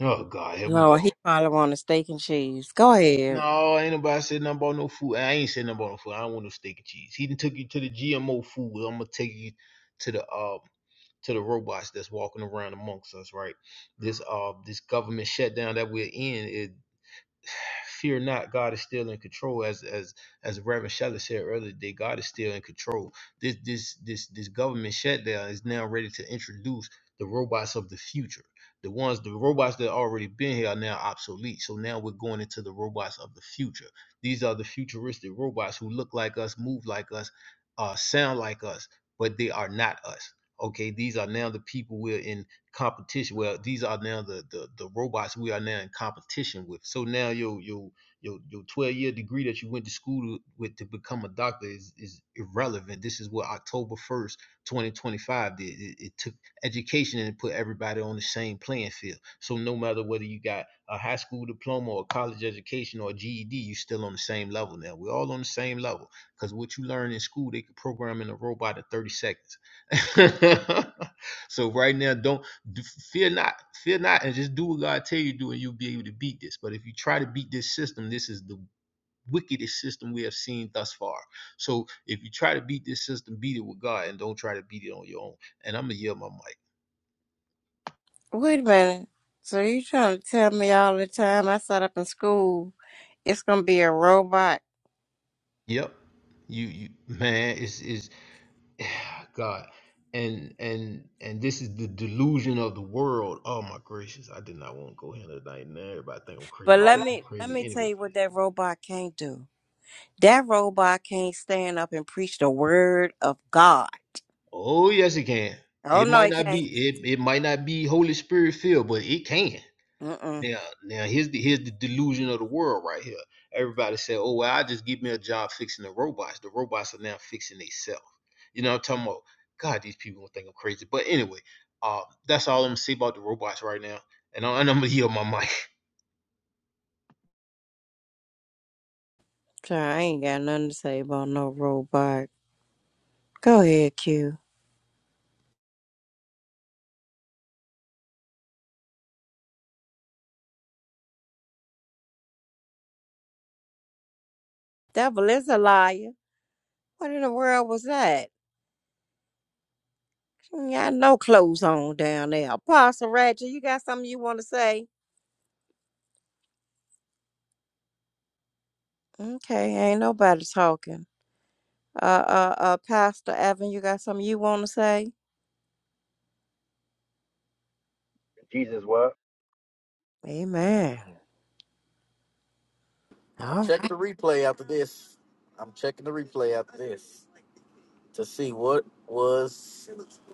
Speaker 5: Oh God, here we
Speaker 2: Lord,
Speaker 5: go.
Speaker 2: he probably want a steak and cheese. Go ahead.
Speaker 5: No, ain't nobody said nothing about no food. I ain't said nothing about no food. I don't want no steak and cheese. He done took you to the GMO food. I'm gonna take you to the uh to the robots that's walking around amongst us, right? This uh this government shutdown that we're in, it fear not, God is still in control. As as as Reverend Shelley said earlier today, God is still in control. This this this this government shutdown is now ready to introduce the robots of the future. The ones, the robots that already been here are now obsolete. So now we're going into the robots of the future. These are the futuristic robots who look like us, move like us, uh, sound like us, but they are not us. Okay, these are now the people we're in competition. Well, these are now the, the the robots we are now in competition with. So now your your your your twelve year degree that you went to school to, with to become a doctor is is irrelevant. This is what October first, twenty twenty five did. It, it took education and put everybody on the same playing field. So no matter whether you got a high school diploma or a college education or a GED, you're still on the same level now. We're all on the same level because what you learn in school, they could program in a robot in thirty seconds. so right now, don't do, fear not, fear not, and just do what God tell you to do, and you'll be able to beat this. But if you try to beat this system, this is the wickedest system we have seen thus far. So if you try to beat this system, beat it with God, and don't try to beat it on your own. And I'm gonna yell my mic.
Speaker 2: Wait a minute. So you trying to tell me all the time I sat up in school, it's gonna be a robot
Speaker 5: Yep, you, you, man, it's is God, and and and this is the delusion of the world. Oh my gracious, I did not want to go here tonight, and everybody think I'm crazy.
Speaker 2: But let
Speaker 5: Think
Speaker 2: me
Speaker 5: I'm
Speaker 2: let
Speaker 5: crazy
Speaker 2: me tell
Speaker 5: anyway.
Speaker 2: you what that robot can't do. That robot can't stand up and preach the word of God.
Speaker 5: Oh yes, it can.
Speaker 2: Oh
Speaker 5: It
Speaker 2: no,
Speaker 5: might
Speaker 2: it
Speaker 5: not
Speaker 2: can't.
Speaker 5: be it, it might not be Holy Spirit filled, but it can.
Speaker 2: Mm-mm.
Speaker 5: Now now here's the here's the delusion of the world right here. Everybody said, Oh well, I just give me a job fixing the robots. The robots are now fixing themselves. You know what I'm talking about? God, these people gonna think I'm crazy. But anyway, uh that's all I'm gonna say about the robots right now. And, I, and I'm gonna yield my mic.
Speaker 2: Sorry, I ain't got nothing to say about no robot. Go ahead, Q. Devil is a liar. What in the world was that? You ain't got no clothes on down there. Apostle Ratchet, you got something you want to say? Okay, ain't nobody talking. Uh, uh, uh, Pastor Evan, you got something you want to say?
Speaker 6: Jesus, what?
Speaker 2: Amen.
Speaker 7: I'm
Speaker 2: All right.
Speaker 7: checking the replay after this. I'm checking the replay after this to see what was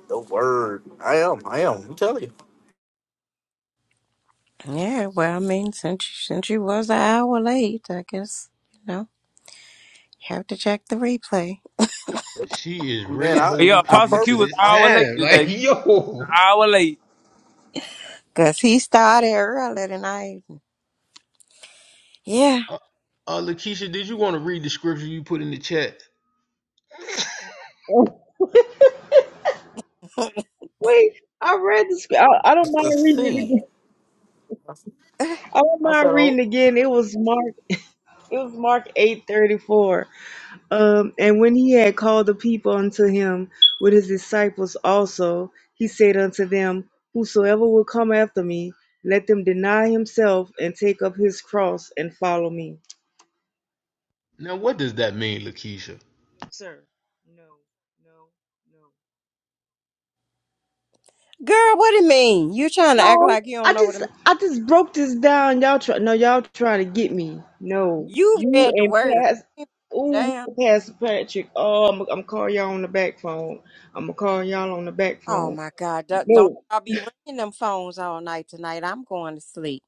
Speaker 7: the word. I am. I am. I'm telling you,
Speaker 2: Yeah, well, I mean, since you, since you was an hour late, I guess you know you have to check the replay
Speaker 5: She is
Speaker 7: man.
Speaker 5: really
Speaker 7: I
Speaker 1: Oh, yeah,
Speaker 5: holding
Speaker 7: I
Speaker 1: Apostle
Speaker 5: people
Speaker 1: Q
Speaker 5: to
Speaker 1: was
Speaker 7: purpose
Speaker 5: this
Speaker 1: an
Speaker 7: I
Speaker 1: hour late
Speaker 5: time. Like,
Speaker 1: today.
Speaker 5: yo.
Speaker 1: hour late.
Speaker 2: because he started earlier than I. Yeah,
Speaker 5: Uh, uh Lakeisha, did you want to read the scripture you put in the chat?
Speaker 3: Oh,
Speaker 2: girl,
Speaker 3: wait, I read the script. I, I don't
Speaker 7: purpose
Speaker 3: mind
Speaker 7: to
Speaker 3: reading it
Speaker 7: see.
Speaker 3: again. I don't
Speaker 7: I
Speaker 3: mind
Speaker 7: said, oh
Speaker 3: reading again. It was Mark. It was Mark eight thirty four. Um, and when he had called the people unto him with his disciples also, he said unto them, Whosoever will come after me, let them deny himself and take up his cross and follow me.
Speaker 5: Now, what does that mean, Lakeisha?
Speaker 3: No, sir. No, no, no.
Speaker 2: what it mean? You trying to act
Speaker 3: No,
Speaker 2: like you
Speaker 3: I
Speaker 2: don't know what it
Speaker 3: just,
Speaker 2: mean?
Speaker 3: I just broke this down. Y'all try, no, y'all trying to get me. No,
Speaker 2: You
Speaker 3: you
Speaker 2: read the
Speaker 3: and
Speaker 2: word.
Speaker 3: Pas, ooh,
Speaker 2: Damn.
Speaker 3: Pastor Patrick. Oh, I'm, I'm calling y'all on the back phone. I'm gonna call y'all on the back
Speaker 2: Oh
Speaker 3: phone.
Speaker 2: my God! Don't, don't
Speaker 3: No.
Speaker 2: y'all be ringing them phones all night tonight? I'm going to sleep.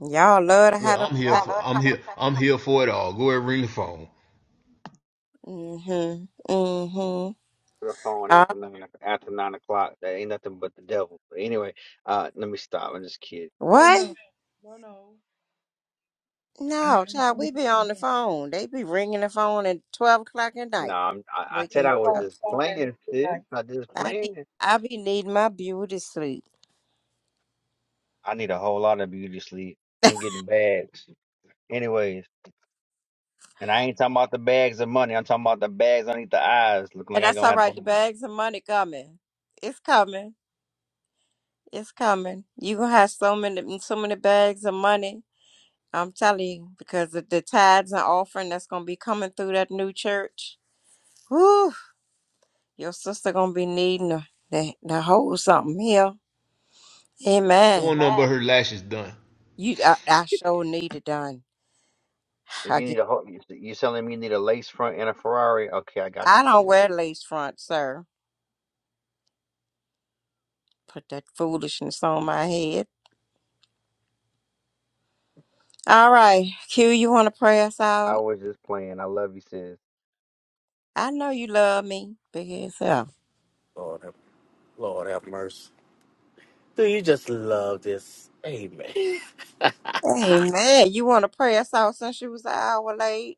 Speaker 2: Y'all love to
Speaker 5: Well,
Speaker 2: have them.
Speaker 5: I'm here
Speaker 2: side-
Speaker 5: for I'm here I'm here for it all. Go ahead, ring the phone.
Speaker 2: Mhm. mm Mhm.
Speaker 6: The phone
Speaker 2: Uh,
Speaker 6: after nine, after nine o'clock. That ain't nothing but the devil. But anyway, uh, let me stop. I'm just kidding.
Speaker 3: Oh
Speaker 2: what?
Speaker 3: no, no, no. I
Speaker 2: No,
Speaker 3: am
Speaker 2: child,
Speaker 3: on
Speaker 2: we be
Speaker 3: playing
Speaker 2: on the phone. They be ringing the phone at 12 o'clock at
Speaker 6: No,
Speaker 2: night,
Speaker 6: I'm, I, I
Speaker 2: waking
Speaker 6: said
Speaker 2: me
Speaker 6: I was
Speaker 2: up.
Speaker 3: Nobody's
Speaker 6: just playing,
Speaker 3: falling.
Speaker 6: sis. I just
Speaker 2: I need,
Speaker 6: playing.
Speaker 2: I be needing my beauty sleep.
Speaker 6: I need a whole lot of beauty sleep. I'm getting bags. Anyways, and I ain't talking about the bags of money. I'm talking about the bags underneath the eyes. Looking like
Speaker 2: And
Speaker 6: I
Speaker 2: that's
Speaker 6: gonna
Speaker 2: all
Speaker 6: have
Speaker 2: right.
Speaker 6: to.
Speaker 2: The bags of money coming. It's coming. It's coming. You gonna have so many, so many bags of money. I'm telling you, because of the tithes and offering that's gonna be coming through that new church. Whew, your sister gonna be needing to, to, to hold something here.
Speaker 5: I don't
Speaker 2: Amen.
Speaker 5: want nothing but her lashes done.
Speaker 2: You, I, I sure need it done. I
Speaker 6: You need a whole. You selling me? You need a lace front and a Ferrari? Okay, I got
Speaker 2: I don't
Speaker 6: you, sis.
Speaker 2: wear lace front, sir. Put that foolishness on my head. All right, Q, you want to pray us
Speaker 6: I
Speaker 2: out?
Speaker 6: was just playing. I love you, sis.
Speaker 2: I know you love me, big ass hell.
Speaker 7: Lord, have, Lord have mercy. Do you just love this? Amen.
Speaker 2: Amen. You want to pray us out since you was an hour late?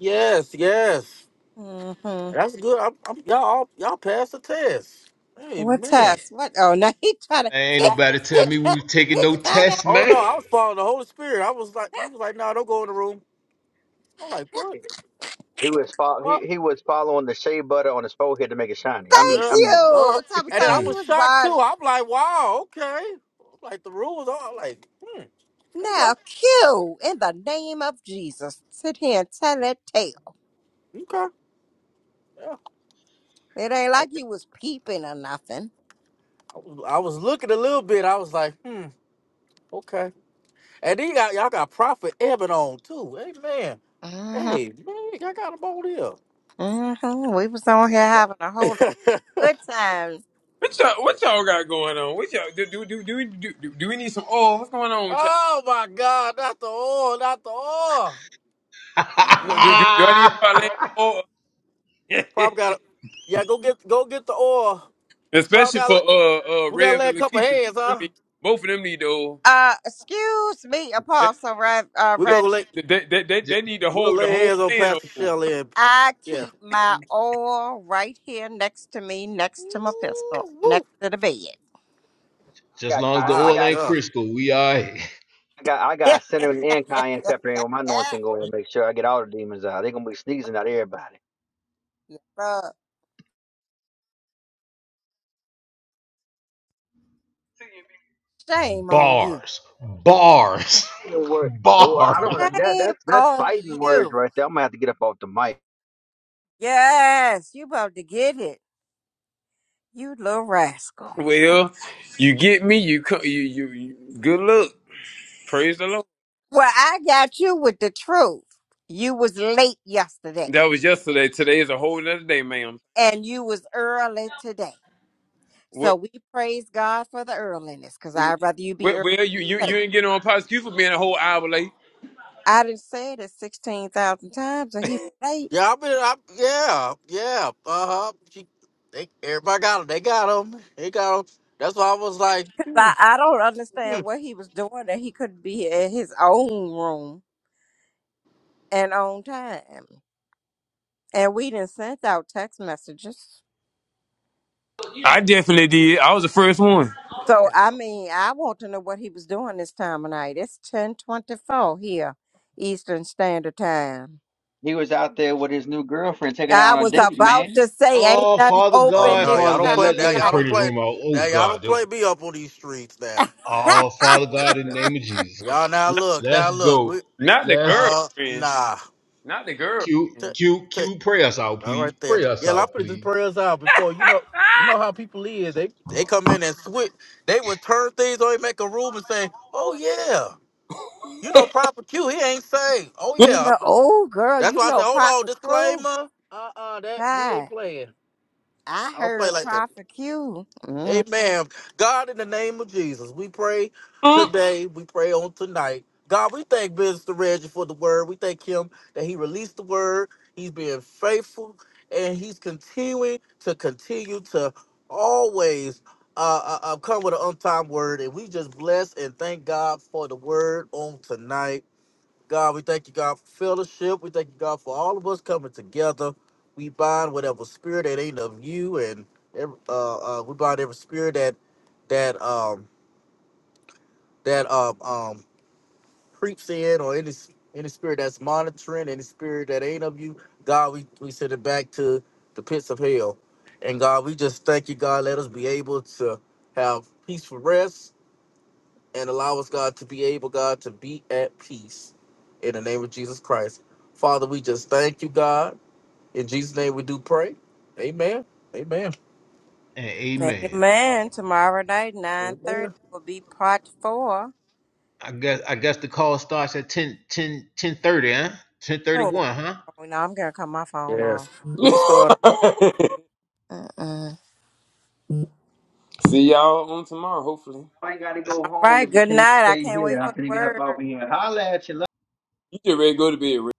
Speaker 7: Yes, yes.
Speaker 2: Mm-hmm.
Speaker 7: That's good. I'm, I'm, y'all, all- y'all passed the test.
Speaker 2: What
Speaker 7: Amen.
Speaker 2: text? What? Oh, no, he trying to,
Speaker 5: Man, ain't
Speaker 2: he,
Speaker 5: nobody
Speaker 2: he
Speaker 5: tell me we
Speaker 2: trying,
Speaker 5: was taking
Speaker 2: he
Speaker 5: no
Speaker 2: trying to
Speaker 5: tests,
Speaker 7: Oh
Speaker 5: man.
Speaker 7: no, I was following the Holy Spirit. I was like, he was like, no, don't go in the room. I'm like, what?
Speaker 6: He he was fol- he,
Speaker 7: What?
Speaker 6: he was following the shea butter on his forehead to make it shiny. I mean,
Speaker 2: thank
Speaker 7: Yeah.
Speaker 6: I mean,
Speaker 7: uh."
Speaker 2: you. Top of
Speaker 7: And then
Speaker 2: so
Speaker 7: I
Speaker 2: he
Speaker 5: Mm.
Speaker 7: was
Speaker 2: was
Speaker 7: shocked too.
Speaker 2: born.
Speaker 7: I'm like, wow, okay. Like the rules are I'm like, hmm, okay,
Speaker 2: Now, Q, in the name of Jesus, sit here and tell that tale.
Speaker 7: okay, yeah,
Speaker 2: It ain't like
Speaker 7: okay.
Speaker 2: you was peeping or nothing.
Speaker 7: I was, I was looking a little bit. I was like, hmm, okay. And then y'all, y'all got Prophet Evan on too. Amen. Hey man, y'all got him on
Speaker 2: hmm We was on here having a whole
Speaker 7: here. Yeah.
Speaker 2: good time.
Speaker 1: What y'all, what y'all got going on? What y'all do? Do do do we- do, do, do we need some oil? What's going on with y'all?
Speaker 7: Oh my God, not the oil, not the oil.
Speaker 1: No, Do
Speaker 2: hmm
Speaker 1: do, do I need to start laying some oil?
Speaker 7: Probably got to Yeah, go get go get the oil. Probably
Speaker 1: Especially for
Speaker 7: got to
Speaker 1: uh uh
Speaker 7: we gotta
Speaker 1: Rev
Speaker 7: lay a
Speaker 1: and
Speaker 7: couple
Speaker 1: Lakeisha.
Speaker 7: hands,
Speaker 1: Both of them
Speaker 7: huh?
Speaker 1: need, both of them need the oil.
Speaker 2: Uh, excuse me,
Speaker 1: They,
Speaker 2: Apostle Reg- uh,
Speaker 7: We're
Speaker 1: they,
Speaker 7: gonna
Speaker 2: Reggie.
Speaker 7: lay
Speaker 1: they, they, they,
Speaker 5: just
Speaker 1: they need the
Speaker 7: we're gonna
Speaker 1: whole the
Speaker 7: lay
Speaker 1: whole
Speaker 7: hands on
Speaker 1: pan of
Speaker 7: Pastor
Speaker 1: oil.
Speaker 7: Shelley and
Speaker 2: I
Speaker 7: yeah.
Speaker 2: keep my oil right here next to me, next to my pistol,
Speaker 7: Ooh,
Speaker 2: next
Speaker 7: woo.
Speaker 2: to the bed.
Speaker 6: I
Speaker 5: Just
Speaker 6: got
Speaker 5: long
Speaker 6: ki-
Speaker 5: as the
Speaker 6: I
Speaker 7: My
Speaker 5: oil
Speaker 6: got
Speaker 5: ain't
Speaker 7: God.
Speaker 5: Crisco, we all right.
Speaker 6: I got I got cinnamon and cayenne pepper in with my anointing oil to make sure I get all the demons out. They're gonna be sneezing at everybody.
Speaker 2: Yes, sir. Shame on you.
Speaker 5: Bars, bars,
Speaker 6: Fighting word. Oh, I don't
Speaker 5: bars.
Speaker 6: know. That
Speaker 2: Shame
Speaker 6: that's that's
Speaker 2: on
Speaker 6: fighting words
Speaker 2: you.
Speaker 6: right there. I'm gonna have to get up off the mic.
Speaker 2: Yes, you about to get it, you little rascal.
Speaker 1: Well, you get me. You co- you you. you good luck. Praise the Lord.
Speaker 2: Well, I got you with the truth. You was late yesterday.
Speaker 1: That was yesterday. Today is a whole nother day, ma'am.
Speaker 2: and you was early today.
Speaker 1: What?
Speaker 2: So we praise God for the earliness, because
Speaker 1: you-
Speaker 2: I'd rather you
Speaker 1: Well,
Speaker 2: be early
Speaker 1: well, you you
Speaker 2: than
Speaker 1: you
Speaker 2: late.
Speaker 1: ain't getting on Pops. You for being a whole hour late.
Speaker 2: I didn't say it sixteen thousand times, and he was late.
Speaker 7: Yeah, I've been I, yeah, yeah. Uh-huh. She, they, everybody got them. They got them. They got them. That's why I was like,
Speaker 2: 'Cause
Speaker 7: hmm.
Speaker 2: I, I don't
Speaker 7: hmm.
Speaker 2: understand what he was doing that he couldn't be in his own room and on time. And we didn't send out text messages.
Speaker 1: I definitely did. I was the first one.
Speaker 2: So I mean, I want to know what he was doing this time of night. It's ten twenty four here, Eastern Standard Time.
Speaker 6: He was out there with his new girlfriend taking her
Speaker 2: I
Speaker 6: out on a
Speaker 2: was
Speaker 6: date,
Speaker 2: about to
Speaker 6: man.
Speaker 2: say, ain't
Speaker 5: Oh,
Speaker 2: nothing
Speaker 5: Father
Speaker 7: oh
Speaker 2: open
Speaker 5: God,
Speaker 7: no,
Speaker 2: this
Speaker 7: y'all
Speaker 5: Father
Speaker 7: don't
Speaker 5: God,
Speaker 7: play
Speaker 2: time
Speaker 5: let,
Speaker 2: of
Speaker 7: now.
Speaker 5: let us
Speaker 7: Y'all
Speaker 5: pray
Speaker 2: night.
Speaker 7: don't
Speaker 5: this
Speaker 7: play
Speaker 5: room out. Oh,
Speaker 7: now. Y'all
Speaker 5: God.
Speaker 7: don't play me up on these streets now.
Speaker 5: Oh, Father God, in the name of Jesus.
Speaker 7: Y'all now
Speaker 1: Not,
Speaker 7: look, now
Speaker 5: Let's
Speaker 7: look.
Speaker 5: go.
Speaker 7: We
Speaker 1: not the
Speaker 5: let's.
Speaker 7: uh
Speaker 1: girlfriend.
Speaker 7: nah.
Speaker 1: Not the
Speaker 5: Q
Speaker 7: Take
Speaker 1: girlfriend.
Speaker 5: Q
Speaker 7: take
Speaker 5: Q pray us out,
Speaker 7: all
Speaker 5: please.
Speaker 7: right there.
Speaker 5: Pray us
Speaker 7: Yeah, I
Speaker 5: out,
Speaker 7: put this
Speaker 5: please.
Speaker 7: prayers out before you know you know how people is. They they come in and switch they would turn things or they make a room and say, Oh yeah, you know proper Q, he ain't saved. Oh
Speaker 2: You
Speaker 7: yeah.
Speaker 2: know, oh girl,
Speaker 7: That's
Speaker 2: you
Speaker 7: why I
Speaker 2: know
Speaker 7: said, Hold on,
Speaker 2: Prophet Crew.
Speaker 7: disclaimer. Uh uh that we ain't
Speaker 2: Hi,
Speaker 7: playing.
Speaker 2: I
Speaker 7: I don't play
Speaker 2: heard
Speaker 7: like that.
Speaker 2: Prophet Q. Mm.
Speaker 7: Amen. God, in the name of Jesus, we pray today. We pray on tonight. God, we thank Minister Reggie for the word. We thank him that he released the word. He's being faithful and he's continuing to continue to always uh, uh, uh, come with an on time word. And we just bless and thank God for the word on tonight. God, we thank you, God, for fellowship. We thank you, God, for all of us coming together. We bind whatever spirit that ain't of you, and every, uh, uh, we bind every spirit that that um that um um creeps in, or any any spirit that's monitoring, any spirit that ain't of you. God, we we send it back to the pits of hell. And God, we just thank you, God. Let us be able to have peaceful rest and allow us, God, to be able, God, to be at peace in the name of Jesus Christ. Father, we just thank you, God. In Jesus' name we do pray. Amen. Amen.
Speaker 5: And amen.
Speaker 2: Amen. Tomorrow night, nine
Speaker 7: Amen.
Speaker 2: thirty will be part four.
Speaker 5: I guess I guess the call starts at 10 10 10 30, huh? Ten thirty
Speaker 2: Oh,
Speaker 5: one, huh?
Speaker 2: oh no, I'm gonna cut my phone
Speaker 7: Yes.
Speaker 2: off.
Speaker 7: We can start
Speaker 2: Mm-mm.
Speaker 1: See y'all on tomorrow, hopefully.
Speaker 6: I ain't gotta go
Speaker 2: All
Speaker 6: home,
Speaker 2: right.
Speaker 6: but you
Speaker 2: Good
Speaker 6: can't
Speaker 2: night. I
Speaker 6: stay
Speaker 2: can't wait
Speaker 6: here. I
Speaker 2: for the
Speaker 6: can get up
Speaker 2: word.
Speaker 6: off of here. Holla at you
Speaker 1: You get ready to go to bed,